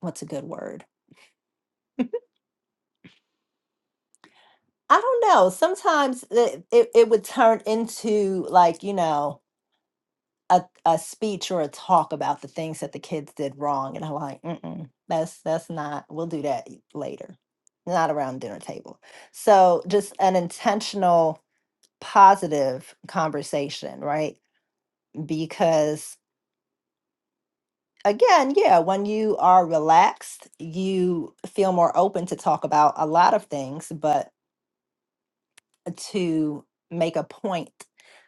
A: what's a good word i don't know sometimes it it, it would turn into like you know a, a speech or a talk about the things that the kids did wrong and i'm like mm-mm that's that's not we'll do that e, later not around dinner table so just an intentional positive conversation right because again yeah when you are relaxed you feel more open to talk about a lot of things but to make a point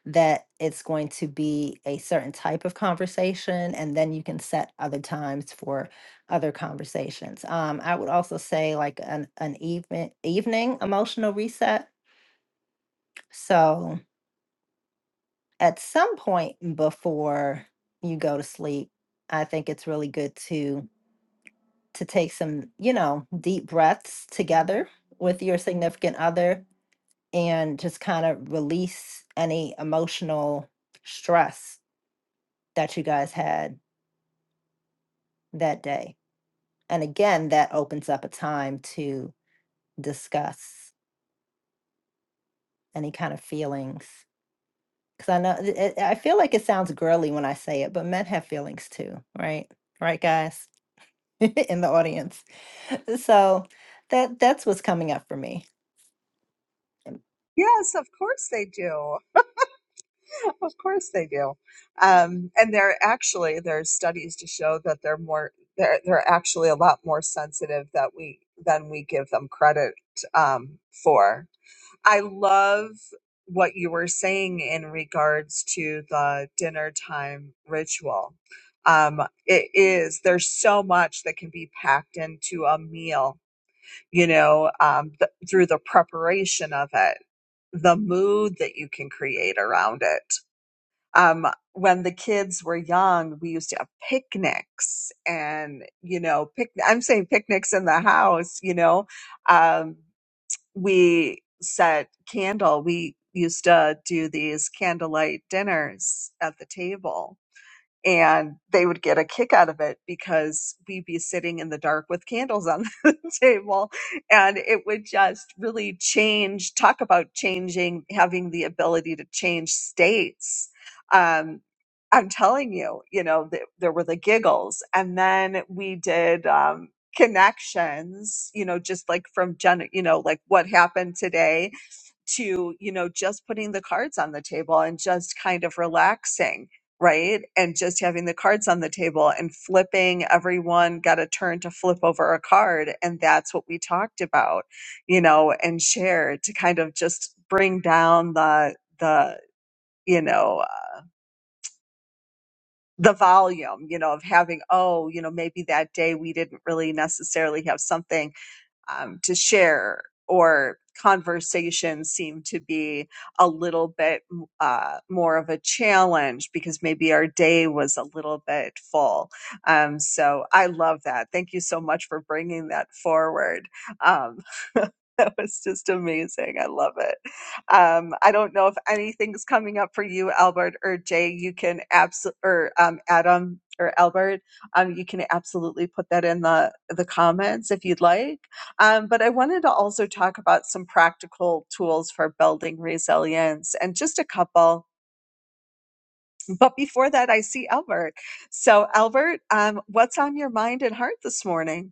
A: that it's going to be a certain type of conversation, and then you can set other times for other conversations. Um, I would also say like an an even evening emotional reset. So at some point before you go to sleep, I think it's really good to to take some you know deep breaths together with your significant other and just kind of release any emotional stress that you guys had that day. And again, that opens up a time to discuss any kind of feelings. Because I know, it, it- I feel like it sounds girly when I say it, but men have feelings too, right? Right, guys in the audience. So that that's what's coming up for me.
B: Yes, of course they do. of course they do. Um, and they're actually there's studies to show that they're more they're they're actually a lot more sensitive that we than we give them credit um, for. I love what you were saying in regards to the dinner time ritual. Um, it is there's so much that can be packed into a meal, you know, um, th- through the preparation of it, the mood that you can create around it um, when the kids were young, we used to have picnics and, you know, pic- I'm saying picnics in the house, you know, um, we set candle. We used to do these candlelight dinners at the table and they would get a kick out of it because we'd be sitting in the dark with candles on the table and it would just really change talk about changing having the ability to change states um i'm telling you you know th- there were the giggles and then we did um connections you know just like from gen you know like what happened today to you know just putting the cards on the table and just kind of relaxing right and just having the cards on the table and flipping everyone got a turn to flip over a card and that's what we talked about you know and shared to kind of just bring down the the you know uh, the volume you know of having oh you know maybe that day we didn't really necessarily have something um, to share or conversations seem to be a little bit uh, more of a challenge because maybe our day was a little bit full. Um, so I love that. Thank you so much for bringing that forward. Um, that was just amazing. I love it. Um, I don't know if anything's coming up for you, Albert or Jay. You can absolutely, or um, Adam or Albert, um, you can absolutely put that in the the comments if you'd like um, but I wanted to also talk about some practical tools for building resilience and just a couple. But before that, I see Albert. So, Albert, um, what's on your mind and heart this morning?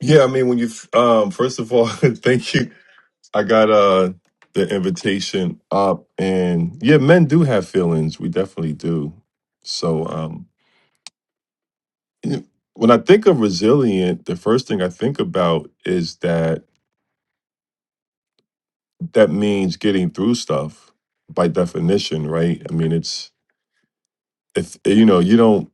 C: Yeah, I mean, when you um, first of all, thank you. I got uh the invitation up, and yeah, men do have feelings. We definitely do. So, um, when I think of resilient, the first thing I think about is that that means getting through stuff by definition, right? I mean, it's if you know you don't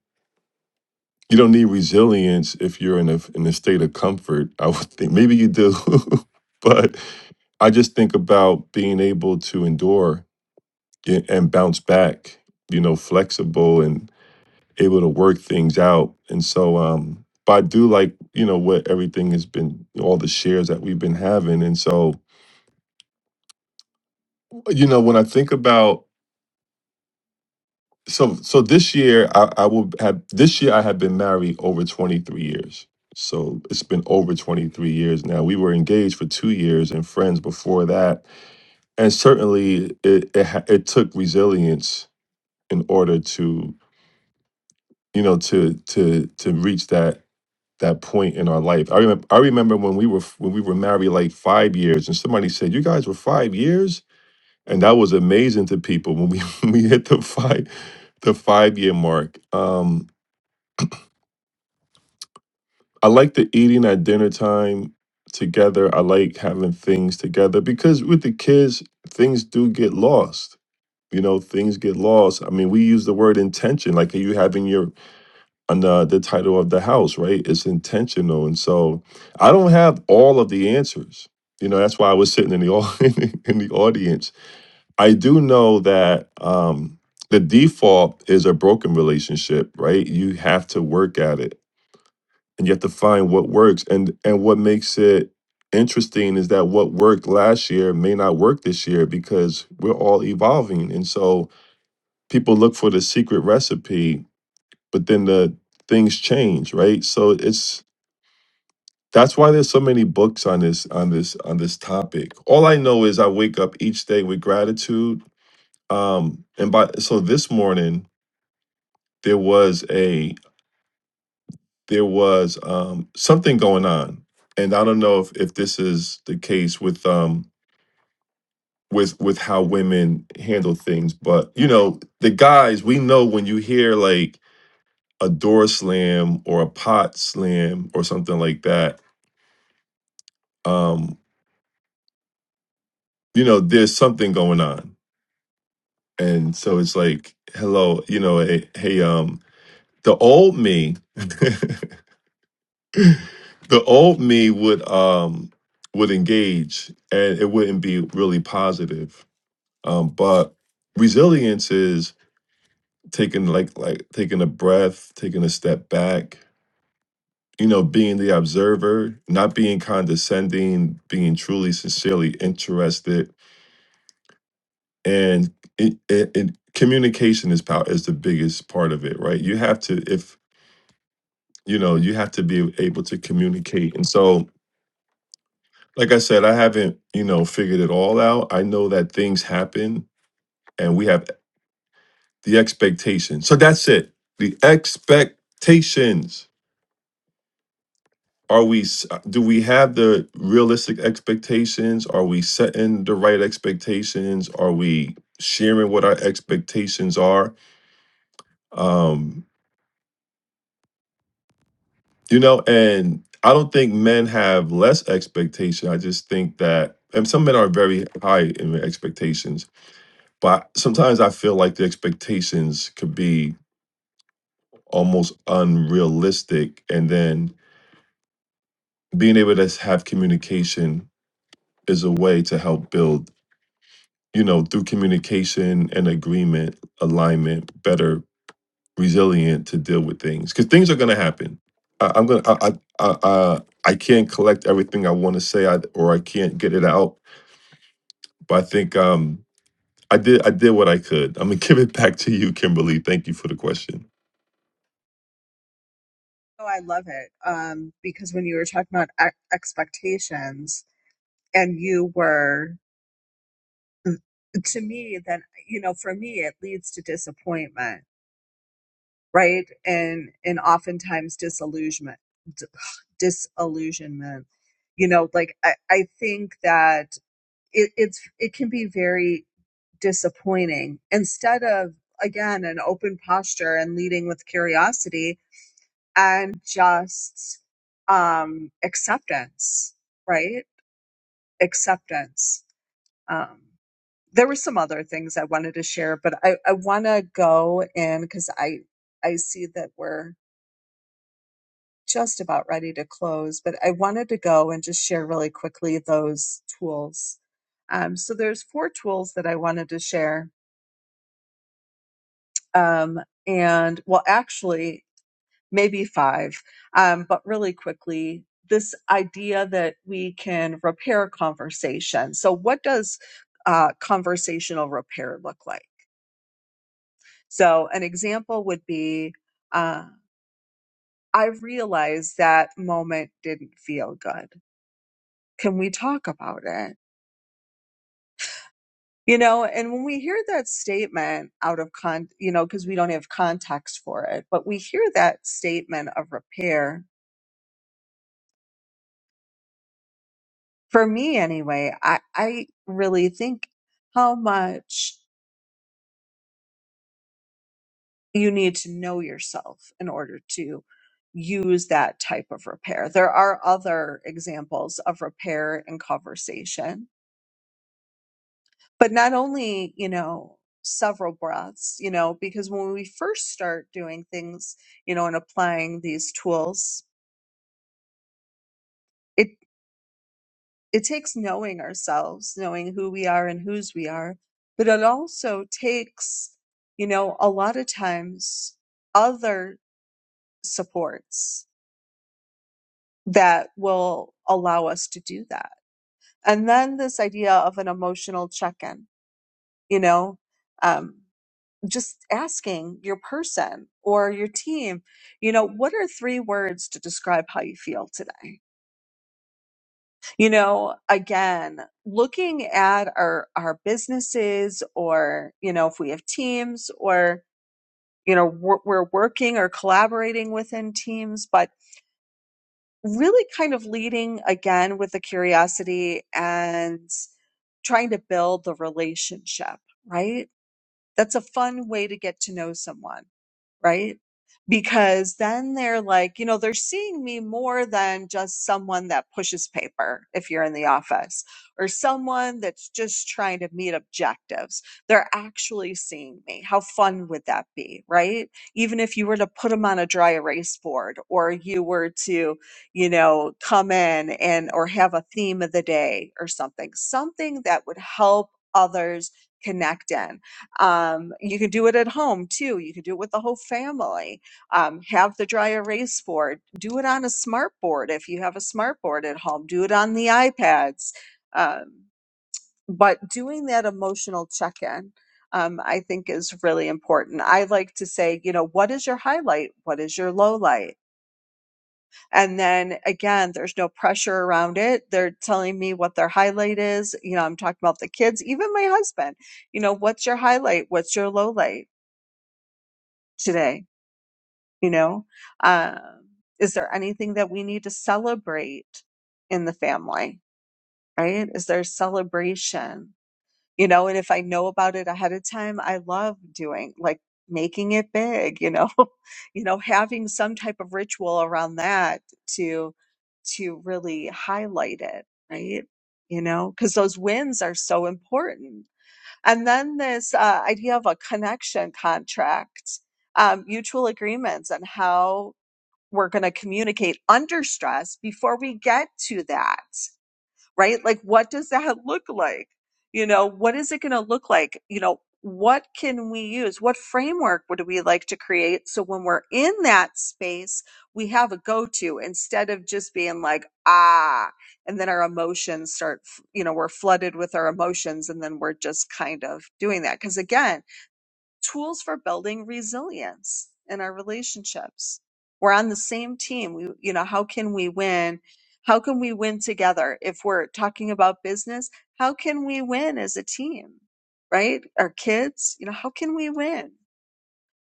C: you don't need resilience if you're in a in a state of comfort. I would think maybe you do, but I just think about being able to endure a- and bounce back, you know, flexible and able to work things out. And so, um, but I do like, you know, what everything has been, all the shares that we've been having. And so, you know, when I think about, so, so this year I, I will have, this year I have been married over 23 years. So it's been over 23 years now. We were engaged for two years and friends before that. And certainly it, it, ha- it took resilience in order to you know to to to reach that that point in our life. I remember I remember when we were when we were married like 5 years and somebody said you guys were 5 years and that was amazing to people when we when we hit the 5 the 5 year mark. Um I like the eating at dinner time together. I like having things together because with the kids things do get lost. You know, things get lost. I mean, we use the word intention like you having your under the title of the house, right? It's intentional. And so I don't have all of the answers. You know, that's why I was sitting in the au- in the audience. I do know that um the default is a broken relationship, right? You have to work at it and you have to find what works. And and what makes it interesting is that what worked last year may not work this year because we're all evolving. And so people look for the secret recipe but then the things change right so it's that's why there's so many books on this on this on this topic all i know is i wake up each day with gratitude um and by so this morning there was a there was um something going on and i don't know if if this is the case with um with with how women handle things but you know the guys we know when you hear like a door slam or a pot slam or something like that um you know, there's something going on. And so it's like, hello, you know, hey, hey um, the old me, the old me would um would engage and it wouldn't be really positive. Um, but resilience is taking like like taking a breath, taking a step back, you know, being the observer, not being condescending, being truly sincerely interested and it, it, it communication is power is the biggest part of it right you have to if you know you have to be able to communicate and so like i said i haven't you know figured it all out i know that things happen and we have the expectations. so that's it the expectations are we s- do we have the realistic expectations are we setting the right expectations are we sharing what our expectations are um You know, and I don't think men have less expectation. I just think that, and some men are very high in their expectations, but sometimes I feel like the expectations could be almost unrealistic. And then being able to have communication is a way to help build, you know, through communication and agreement, alignment, better resilient to deal with things because things are going to happen. I, I'm gonna I I, I I I can't collect everything I want to say I, or I can't get it out, but I think um I did I did what I could. I'm gonna give it back to you, Kimberly. Thank you for the question.
B: Oh, I love it. Um, because when you were talking about ex- expectations and you were, to me, then, you know, for me, it leads to disappointment right? And and oftentimes disillusionment, d- disillusionment. You know, like I, I think that it, it's it can be very disappointing. Instead of again an open posture and leading with curiosity and just um, acceptance, right? Acceptance. Um, there were some other things I wanted to share, but I, I want to go in because I I see that we're just about ready to close, but I wanted to go and just share really quickly those tools. Um, so there's four tools that I wanted to share, um, and well, actually, maybe five, um, but really quickly, this idea that we can repair conversation. So what does uh, conversational repair look like? So an example would be. Uh, I realized that moment didn't feel good. Can we talk about it? You know, and when we hear that statement out of con, you know, because we don't have context for it, but we hear that statement of repair. For me, anyway, I, I really think how much you need to know yourself in order to use that type of repair. There are other examples of repair and conversation, but not only, you know, several breaths, you know, because when we first start doing things, you know, and applying these tools, it it takes knowing ourselves knowing who we are and whose we are but it also takes you know a lot of times other supports that will allow us to do that and then this idea of an emotional check-in you know um, just asking your person or your team you know what are three words to describe how you feel today You know, again, looking at our our businesses or, you know, if we have teams or, you know, we're, we're working or collaborating within teams, but really kind of leading again with the curiosity and trying to build the relationship, right? That's a fun way to get to know someone right? Because then they're like, you know, they're seeing me more than just someone that pushes paper if you're in the office or someone that's just trying to meet objectives. They're actually seeing me. How fun would that be, right? Even if you were to put them on a dry erase board or you were to, you know, come in and or have a theme of the day or something, something that would help others connect in. Um, you can do it at home too. You can do it with the whole family. Um, have the dry erase board. Do it on a smart board if you have a smart board at home. Do it on the iPads. Um, but doing that emotional check in, um, I think, is really important. I like to say, you know, what is your highlight? What is your low light? And then again, there's no pressure around it. They're telling me what their highlight is. You know, I'm talking about the kids, even my husband. You know, what's your highlight? What's your low light? today? You know, uh, is there anything that we need to celebrate in the family? Right? Is there celebration? You know, and if I know about it ahead of time, I love doing like making it big. You know, you know, having some type of ritual around that to to really highlight it. Right? You know, because those wins are so important and then this uh, idea of a connection contract, um, mutual agreements, and how we're going to communicate under stress before we get to that right? Like, what does that look like? You know, what is it going to look like? You know, what can we use? What framework would we like to create? So when we're in that space, we have a go to instead of just being like, ah, and then our emotions start, you know, we're flooded with our emotions and then we're just kind of doing that. Cause again, tools for building resilience in our relationships. We're on the same team. We, you know, how can we win? How can we win together? If we're talking about business, how can we win as a team? Right? Our kids, you know, how can we win?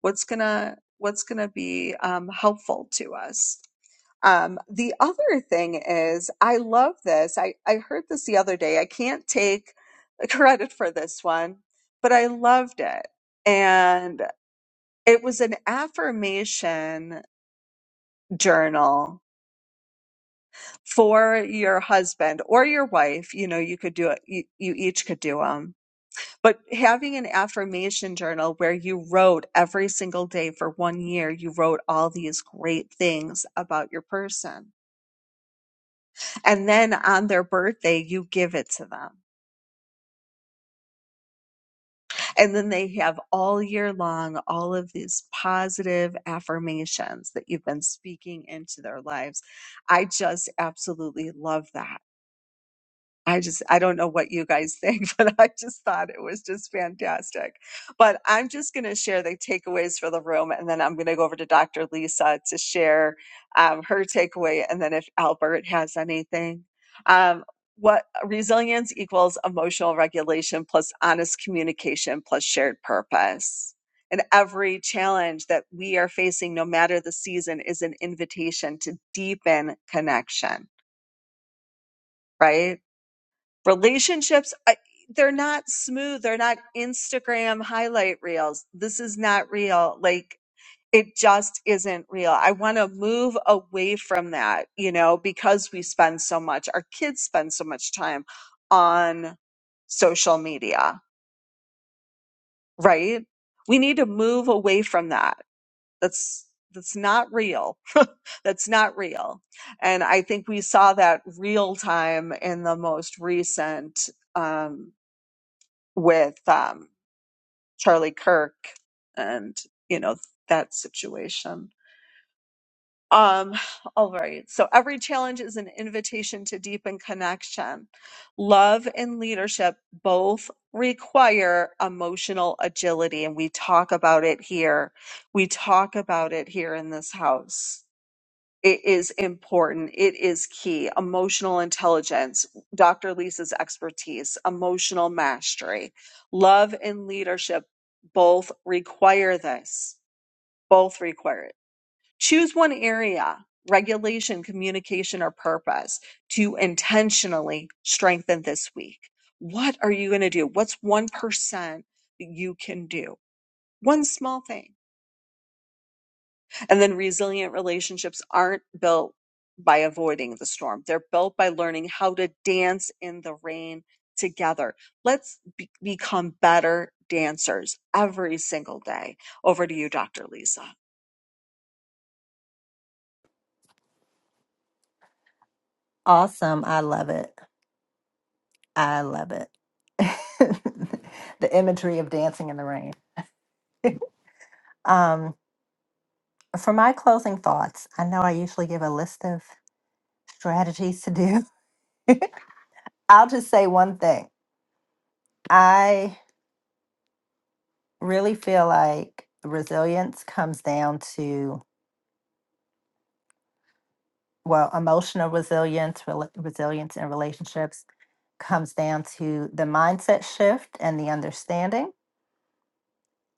B: What's gonna What's gonna be um, helpful to us? Um, the other thing is, I love this. I I heard this the other day. I can't take credit for this one, but I loved it. And it was an affirmation journal for your husband or your wife. You know, you could do it, you, you each could do them. But having an affirmation journal where you wrote every single day for one year, you wrote all these great things about your person. And then on their birthday, you give it to them And then they have all year long all of these positive affirmations that you've been speaking into their lives. I just absolutely love that. I just, I don't know what you guys think, but I just thought it was just fantastic. But I'm just going to share the takeaways for the room, and then I'm going to go over to Dr. Lisa to share um, her takeaway, and then if Albert has anything. Um, what resilience equals emotional regulation plus honest communication plus shared purpose. And every challenge that we are facing, no matter the season, is an invitation to deepen connection, right? relationships I, they're not smooth they're not instagram highlight reels this is not real like it just isn't real i want to move away from that you know because we spend so much our kids spend so much time on social media right we need to move away from that that's that's not real that's not real and i think we saw that real time in the most recent um, with um, Charlie Kirk and, you know, that situation. Um, all right. So every challenge is an invitation to deepen connection. Love and leadership both require emotional agility, and we talk about it here. We talk about it here in this house it is important. It is key. Emotional intelligence, Dr. Lisa's expertise, emotional mastery, love and leadership both require this. Both require it. Choose one area, regulation, communication, or purpose to intentionally strengthen this week. What are you going to do? What's 1% that you can do? One small thing And then resilient relationships aren't built by avoiding the storm. They're built by learning how to dance in the rain together. Let's be- become better dancers every single day. Over to you, Dr. Lisa.
A: Awesome. I love it. I love it. the imagery of dancing in the rain. Um, for my closing thoughts, I know I usually give a list of strategies to do. I'll just say one thing. I really feel like resilience comes down to well, emotional resilience, rela- resilience in relationships comes down to the mindset shift and the understanding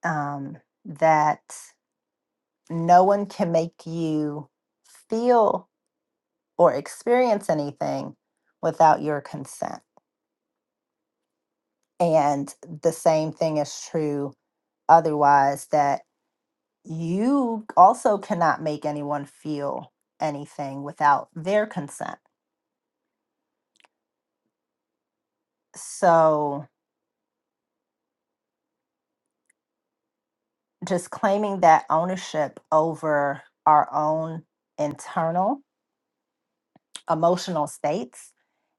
A: um, that no one can make you feel or experience anything without your consent. And the same thing is true otherwise, that you also cannot make anyone feel anything without their consent. So, just claiming that ownership over our own internal emotional states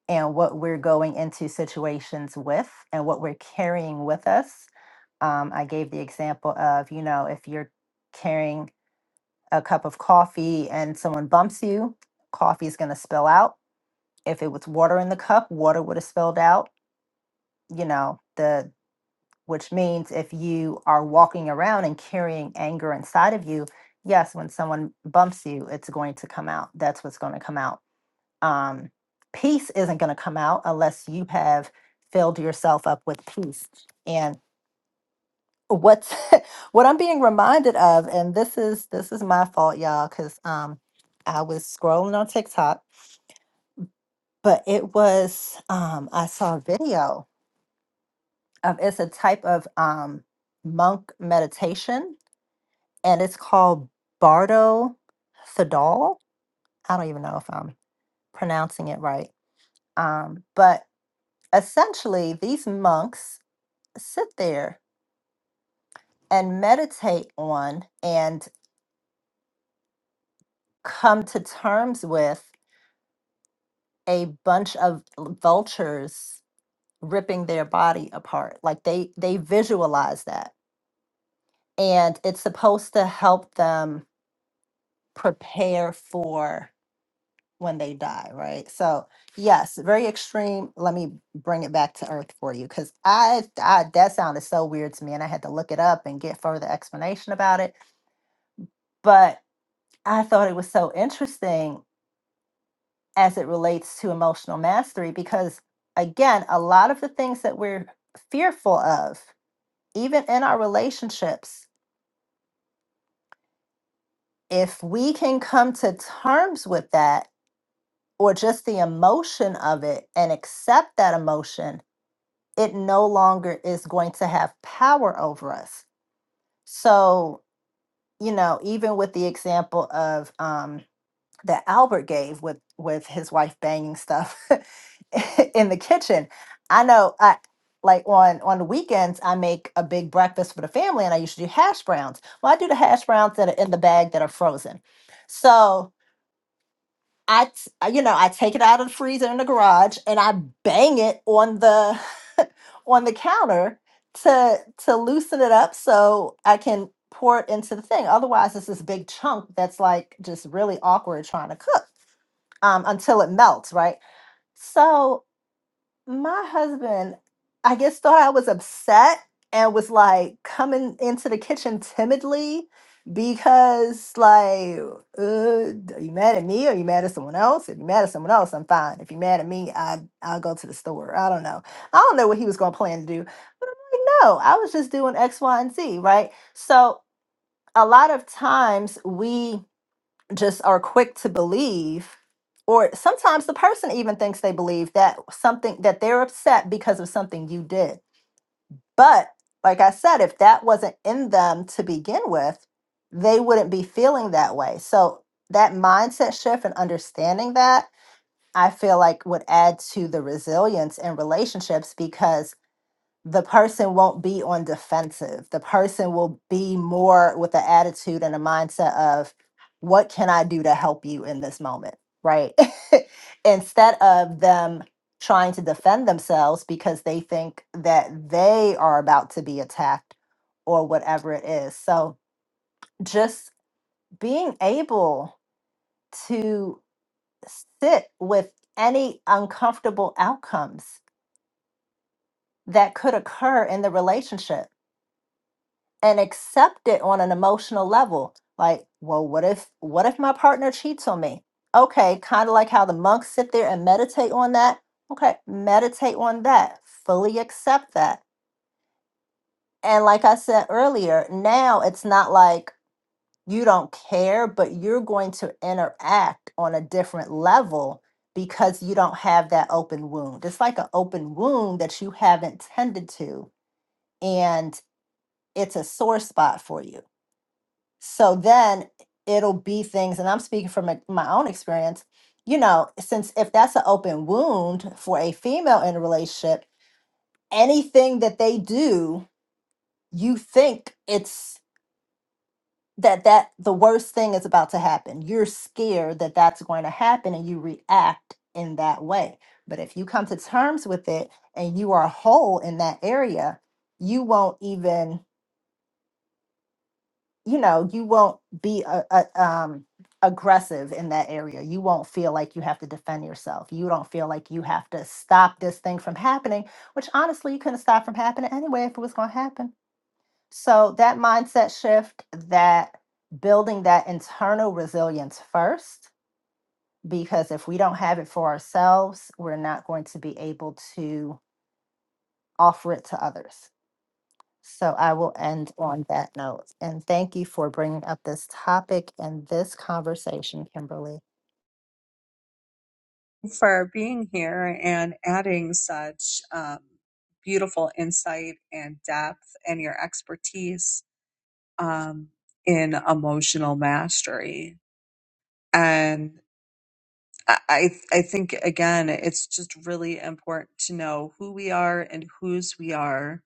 A: and what we're going into situations with and what we're carrying with us. Um, I gave the example of, you know, if you're carrying a cup of coffee and someone bumps you, coffee is going to spill out. If it was water in the cup, water would have spilled out. You know, the which means if you are walking around and carrying anger inside of you, yes, when someone bumps you, it's going to come out. That's what's going to come out. Um, peace isn't going to come out unless you have filled yourself up with peace. And what's what I'm being reminded of, and this is this is my fault, y'all, because um, I was scrolling on TikTok, but it was um, I saw a video of it's a type of um, monk meditation and it's called Bardo Fidal. I don't even know if I'm pronouncing it right. Um, but essentially, these monks sit there and meditate on and come to terms with a bunch of l- vultures ripping their body apart. Like they they visualize that, and it's supposed to help them prepare for when they die, right? So yes, very extreme. Let me bring it back to earth for you because I, I that sounded so weird to me, and I had to look it up and get further explanation about it. But I thought it was so interesting as it relates to emotional mastery because again, a lot of the things that we're fearful of, even in our relationships, if we can come to terms with that or just the emotion of it and accept that emotion it no longer is going to have power over us. So, you know, even with the example of um, that Albert gave with with his wife banging stuff in the kitchen, I know I like on on the weekends I make a big breakfast for the family, and I usually do hash browns. Well, I do the hash browns that are in the bag that are frozen. So I, t- I- you know, I take it out of the freezer in the garage and I bang it on the on the counter to to loosen it up so I can pour it into the thing. Otherwise, it's this big chunk that's like just really awkward trying to cook um, until it melts, right? So my husband, I guess, thought I was upset and was like coming into the kitchen timidly because, like, uh, are you mad at me? Are you mad at someone else? If you're mad at someone else, I'm fine. If you're mad at me, I, I'll go to the store. I don't know. I don't know what he was going to plan to do. But I'm like, no, I was just doing X, Y, and Z, right? So a lot of times we just are quick to believe or sometimes the person even thinks they believe that something that they're upset because of something you did but like i said if that wasn't in them to begin with they wouldn't be feeling that way so that mindset shift and understanding that i feel like would add to the resilience in relationships because the person won't be on defensive. The person will be more with the attitude and a mindset of, what can I do to help you in this moment? Right. Instead of them trying to defend themselves because they think that they are about to be attacked or whatever it is. So just being able to sit with any uncomfortable outcomes that could occur in the relationship and accept it on an emotional level. Like, well, what if what if my partner cheats on me? Okay, kind of like how the monks sit there and meditate on that. Okay, meditate on that. Fully accept that. And like I said earlier, now it's not like you don't care, but you're going to interact on a different level because you don't have that open wound. It's like an open wound that you haven't tended to, and it's a sore spot for you So then it'll be things, and I'm speaking from my my own experience, you know, since if that's an open wound for a female in a relationship, anything that they do, you think it's that that the worst thing is about to happen. You're scared that that's going to happen and you react in that way. But if you come to terms with it and you are whole in that area, you won't even you know you won't be a, a, um, aggressive in that area you won't feel like you have to defend yourself you don't feel like you have to stop this thing from happening which honestly you couldn't stop from happening anyway if it was going to happen so that mindset shift that building that internal resilience first because if we don't have it for ourselves we're not going to be able to offer it to others so I will end on that note. And thank you for bringing up this topic and this conversation, Kimberly.
B: For being here and adding such um, beautiful insight and depth and your expertise um, in emotional mastery. and. I I I think again, it's just really important to know who we are and whose we are.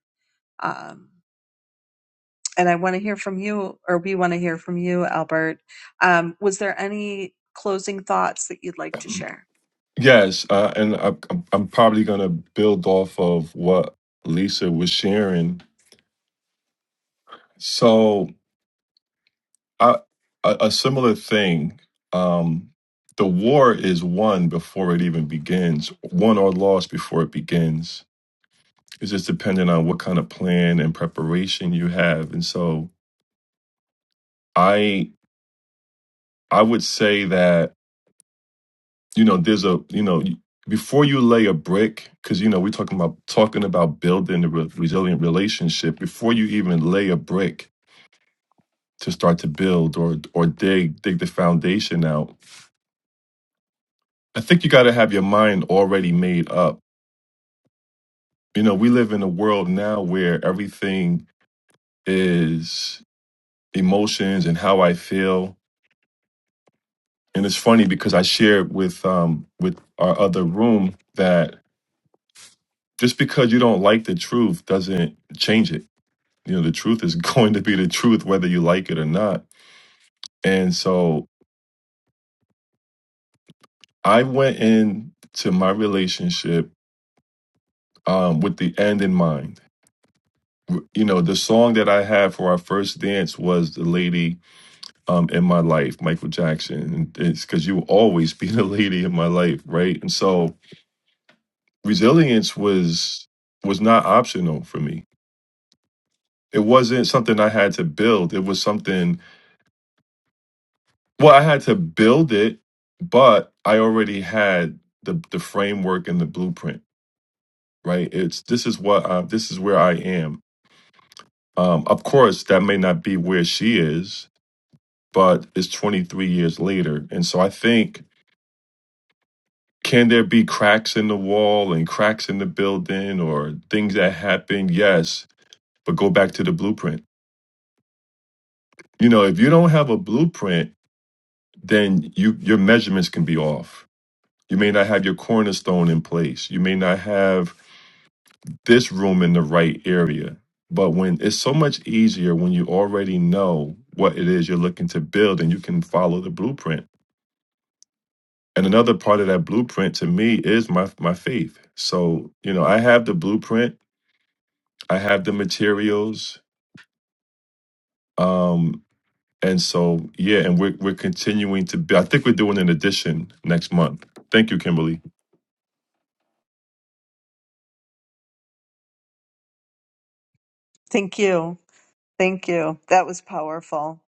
B: Um, and I want to hear from you, or we want to hear from you, Albert. Um, was there any closing thoughts that you'd like to share?
C: Yes, uh, and I, I'm I'm probably gonna build off of what Lisa was sharing So I, a, a similar thing. Um, the war is won before it even begins, won or lost before it begins. It's just dependent on what kind of plan and preparation you have. And so I I would say that you know there's a you know before you lay a brick because you know we're talking about talking about building a re- resilient relationship before you even lay a brick to start to build or or dig dig the foundation out I think you got to have your mind already made up. You know, we live in a world now where everything is emotions and how I feel. And it's funny because I shared with um with our other room that just because you don't like the truth doesn't change it. You know, the truth is going to be the truth whether you like it or not. And so I went in to my relationship um with the end in mind. You know, the song that I had for our first dance was the lady um, in my life, Michael Jackson. And it's because you will always be the lady in my life, right? And so resilience was was not optional for me. It wasn't something I had to build. It was something well, I had to build it, but I already had the the framework and the blueprint, right? It's this is what I, this is where I am. Um, of course, that may not be where she is, but it's 23 years later, and so I think can there be cracks in the wall and cracks in the building or things that happen? Yes, but go back to the blueprint. You know, if you don't have a blueprint, then you your measurements can be off. You may not have your cornerstone in place. You may not have this room in the right area. But when it's so much easier when you already know what it is you're looking to build and you can follow the blueprint. And another part of that blueprint to me is my my faith. So, you know, I have the blueprint I have the materials. Um, and so yeah, and we're we're continuing to be I think we're doing an edition next month. Thank you, Kimberly.
B: Thank you. Thank you. That was powerful.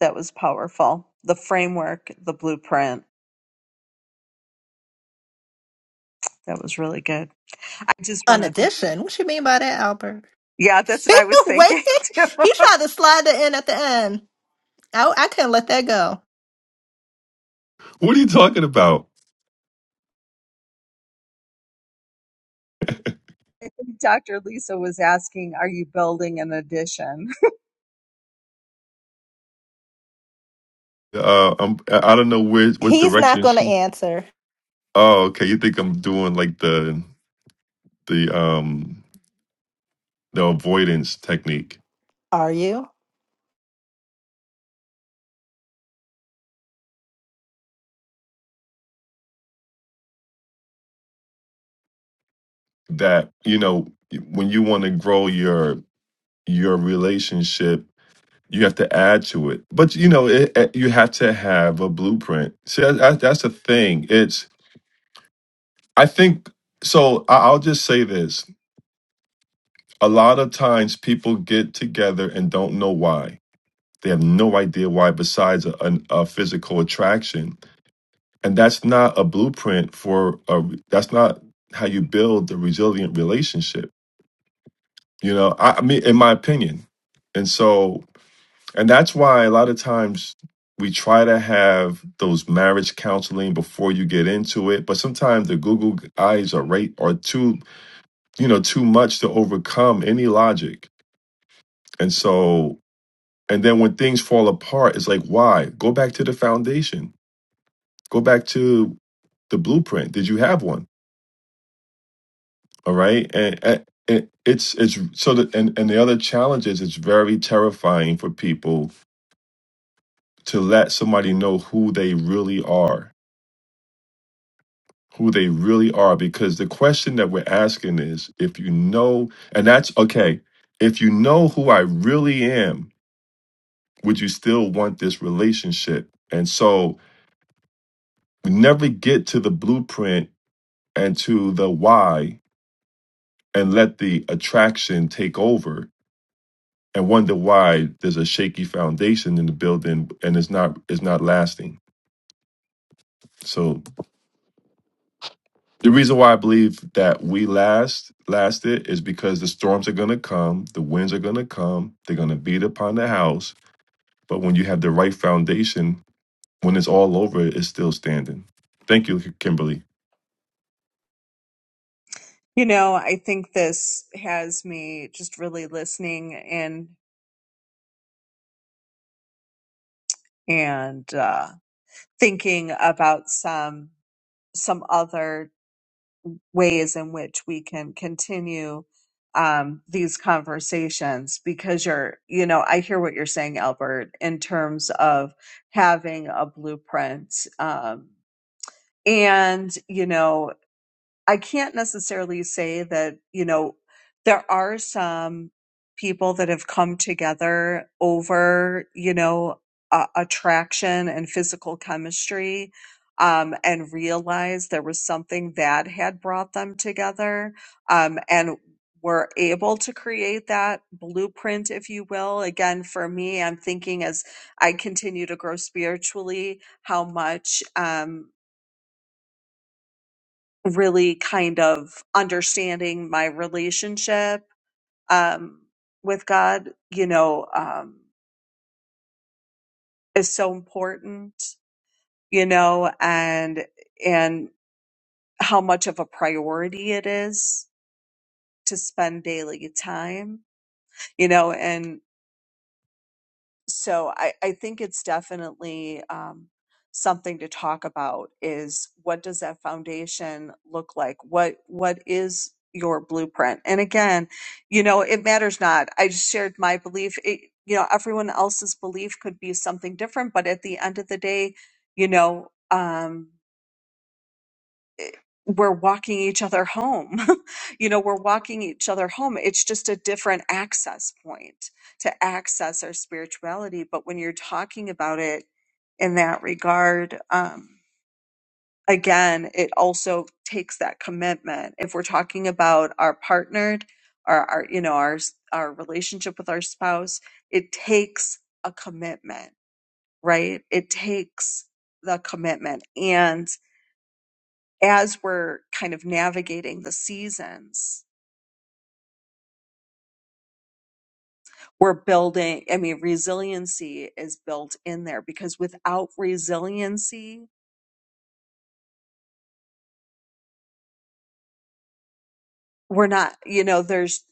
B: That was powerful. The framework, the blueprint. That was really good. I just want
A: An
B: to thank.
A: addition? What you mean by that, Albert?
B: Yeah, that's what I was
A: Wait,
B: thinking. too.
A: he tried to slide it in at the end. I, I couldn't let that go.
C: What are you talking about?
B: I think Dr. Lisa was asking, "Are you building an addition?"
C: Uh I'm I I don't know where what
A: He's not
C: direction
A: going to
C: she
A: answer,
C: Oh, okay. You think I'm doing like the the um the avoidance technique
A: are you?
C: that, you know, when you want to grow your your relationship You have to add to it, but you know, it, it- you have to have a blueprint. See, that, that- that's the thing. It's I think so. I- I'll just say this: a lot of times people get together and don't know why. They have no idea why, besides a, an a physical attraction, and that's not a blueprint for a. That's not how you build a resilient relationship. You know, I, I mean, in my opinion, and so And that's why a lot of times we try to have those marriage counseling before you get into it, but sometimes the Google eyes are right are too, you know, too much to overcome any logic. And so and then when things fall apart, it's like, why? Go back to the foundation. Go back to the blueprint. Did you have one? All right. And, and it, it's it's so that and, and the other challenge is it's very terrifying for people to let somebody know who they really are who they really are because the question that we're asking is if you know and that's okay if you know who i really am would you still want this relationship and so we never get to the blueprint and to the why and let the attraction take over and wonder why there's a shaky foundation in the building and it's not it's not lasting so The reason why I believe that we last lasted is because the storms are going to come, the winds are going to come, they're going to beat upon the house. But when you have the right foundation, when it's all over, it's still standing. Thank you, Kimberly.
B: You know, I think this has me just really listening and and uh, thinking about some some other ways in which we can continue um, these conversations because you're you know I hear what you're saying, Albert, in terms of having a blueprint um, and you know I can't necessarily say that, you know, there are some people that have come together over, you know, uh, attraction and physical chemistry um, and realized there was something that had brought them together um, and were able to create that blueprint, if you will. Again, for me, I'm thinking as I continue to grow spiritually, how much. Um, really kind of understanding my relationship um, with God, you know, um, is so important, you know, and and how much of a priority it is to spend daily time, you know, and. so I, I think it's definitely um, something to talk about is what does that foundation look like what what is your blueprint and again you know it matters not i just shared my belief it, you know everyone else's belief could be something different but at the end of the day you know um, we're walking each other home. you know, we're walking each other home. It's just a different access point to access our spirituality. But when you're talking about it in that regard, um, again, it also takes that commitment. If we're talking about our partnered our our, you know, our, our relationship with our spouse, it takes a commitment, right? It takes the commitment. and as we're kind of navigating the seasons, we're building, I mean, resiliency is built in there because without resiliency, we're not, you know, there's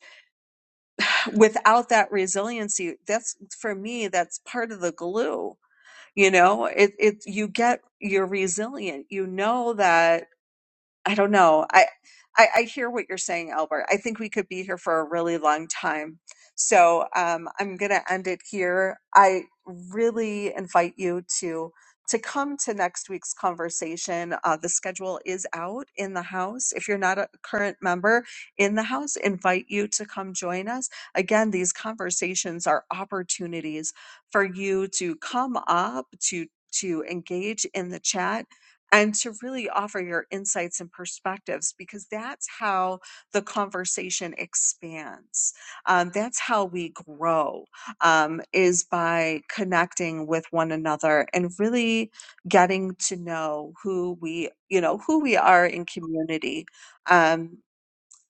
B: without that resiliency, that's for me, that's part of the glue. You know, it, it, you get, you're resilient. You know that I don't know. I, I I hear what you're saying, Albert. I think we could be here for a really long time. So um, I'm going to end it here. I really invite you to to come to next week's conversation. Uh, the schedule is out in the house. If you're not a current member in the house, invite you to come join us. Again, these conversations are opportunities for you to come up to to engage in the chat and to really offer your insights and perspectives because that's how the conversation expands. Um, that's how we grow um, is by connecting with one another and really getting to know who we, you know, who we are in community. Um,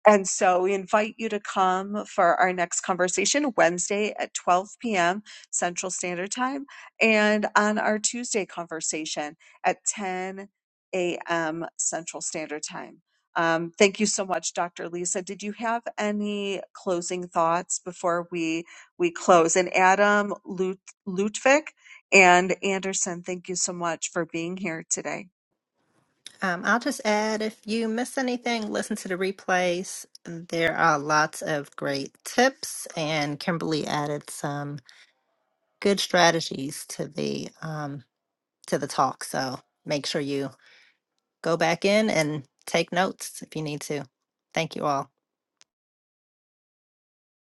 B: and so we invite you to come for our next conversation Wednesday at 12 p.m. Central Standard Time and on our Tuesday conversation at 10 a.m. Central Standard Time. Um, thank you so much, Dr. Lisa. Did you have any closing thoughts before we we close? And Adam Lut- Lutvik and Anderson, thank you so much for being here today.
A: Um, I'll just add if you miss anything, listen to the replays. There are lots of great tips, and Kimberly added some good strategies to the um, to the talk. So make sure you go back in and take notes if you need to. Thank you all.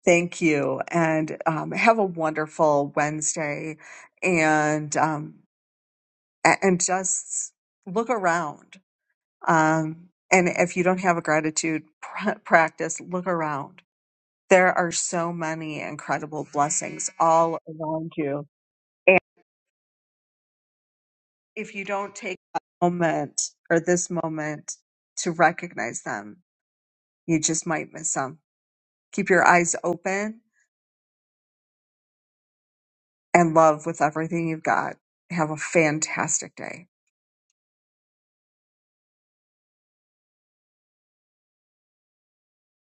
B: Thank you, and um, have a wonderful Wednesday, and um, a- and just look around. Um, and if you don't have a gratitude pr- practice, look around. There are so many incredible blessings all around you, and if you don't take a moment or this moment to recognize them, you just might miss them. Keep your eyes open and love with everything you've got. Have a fantastic day.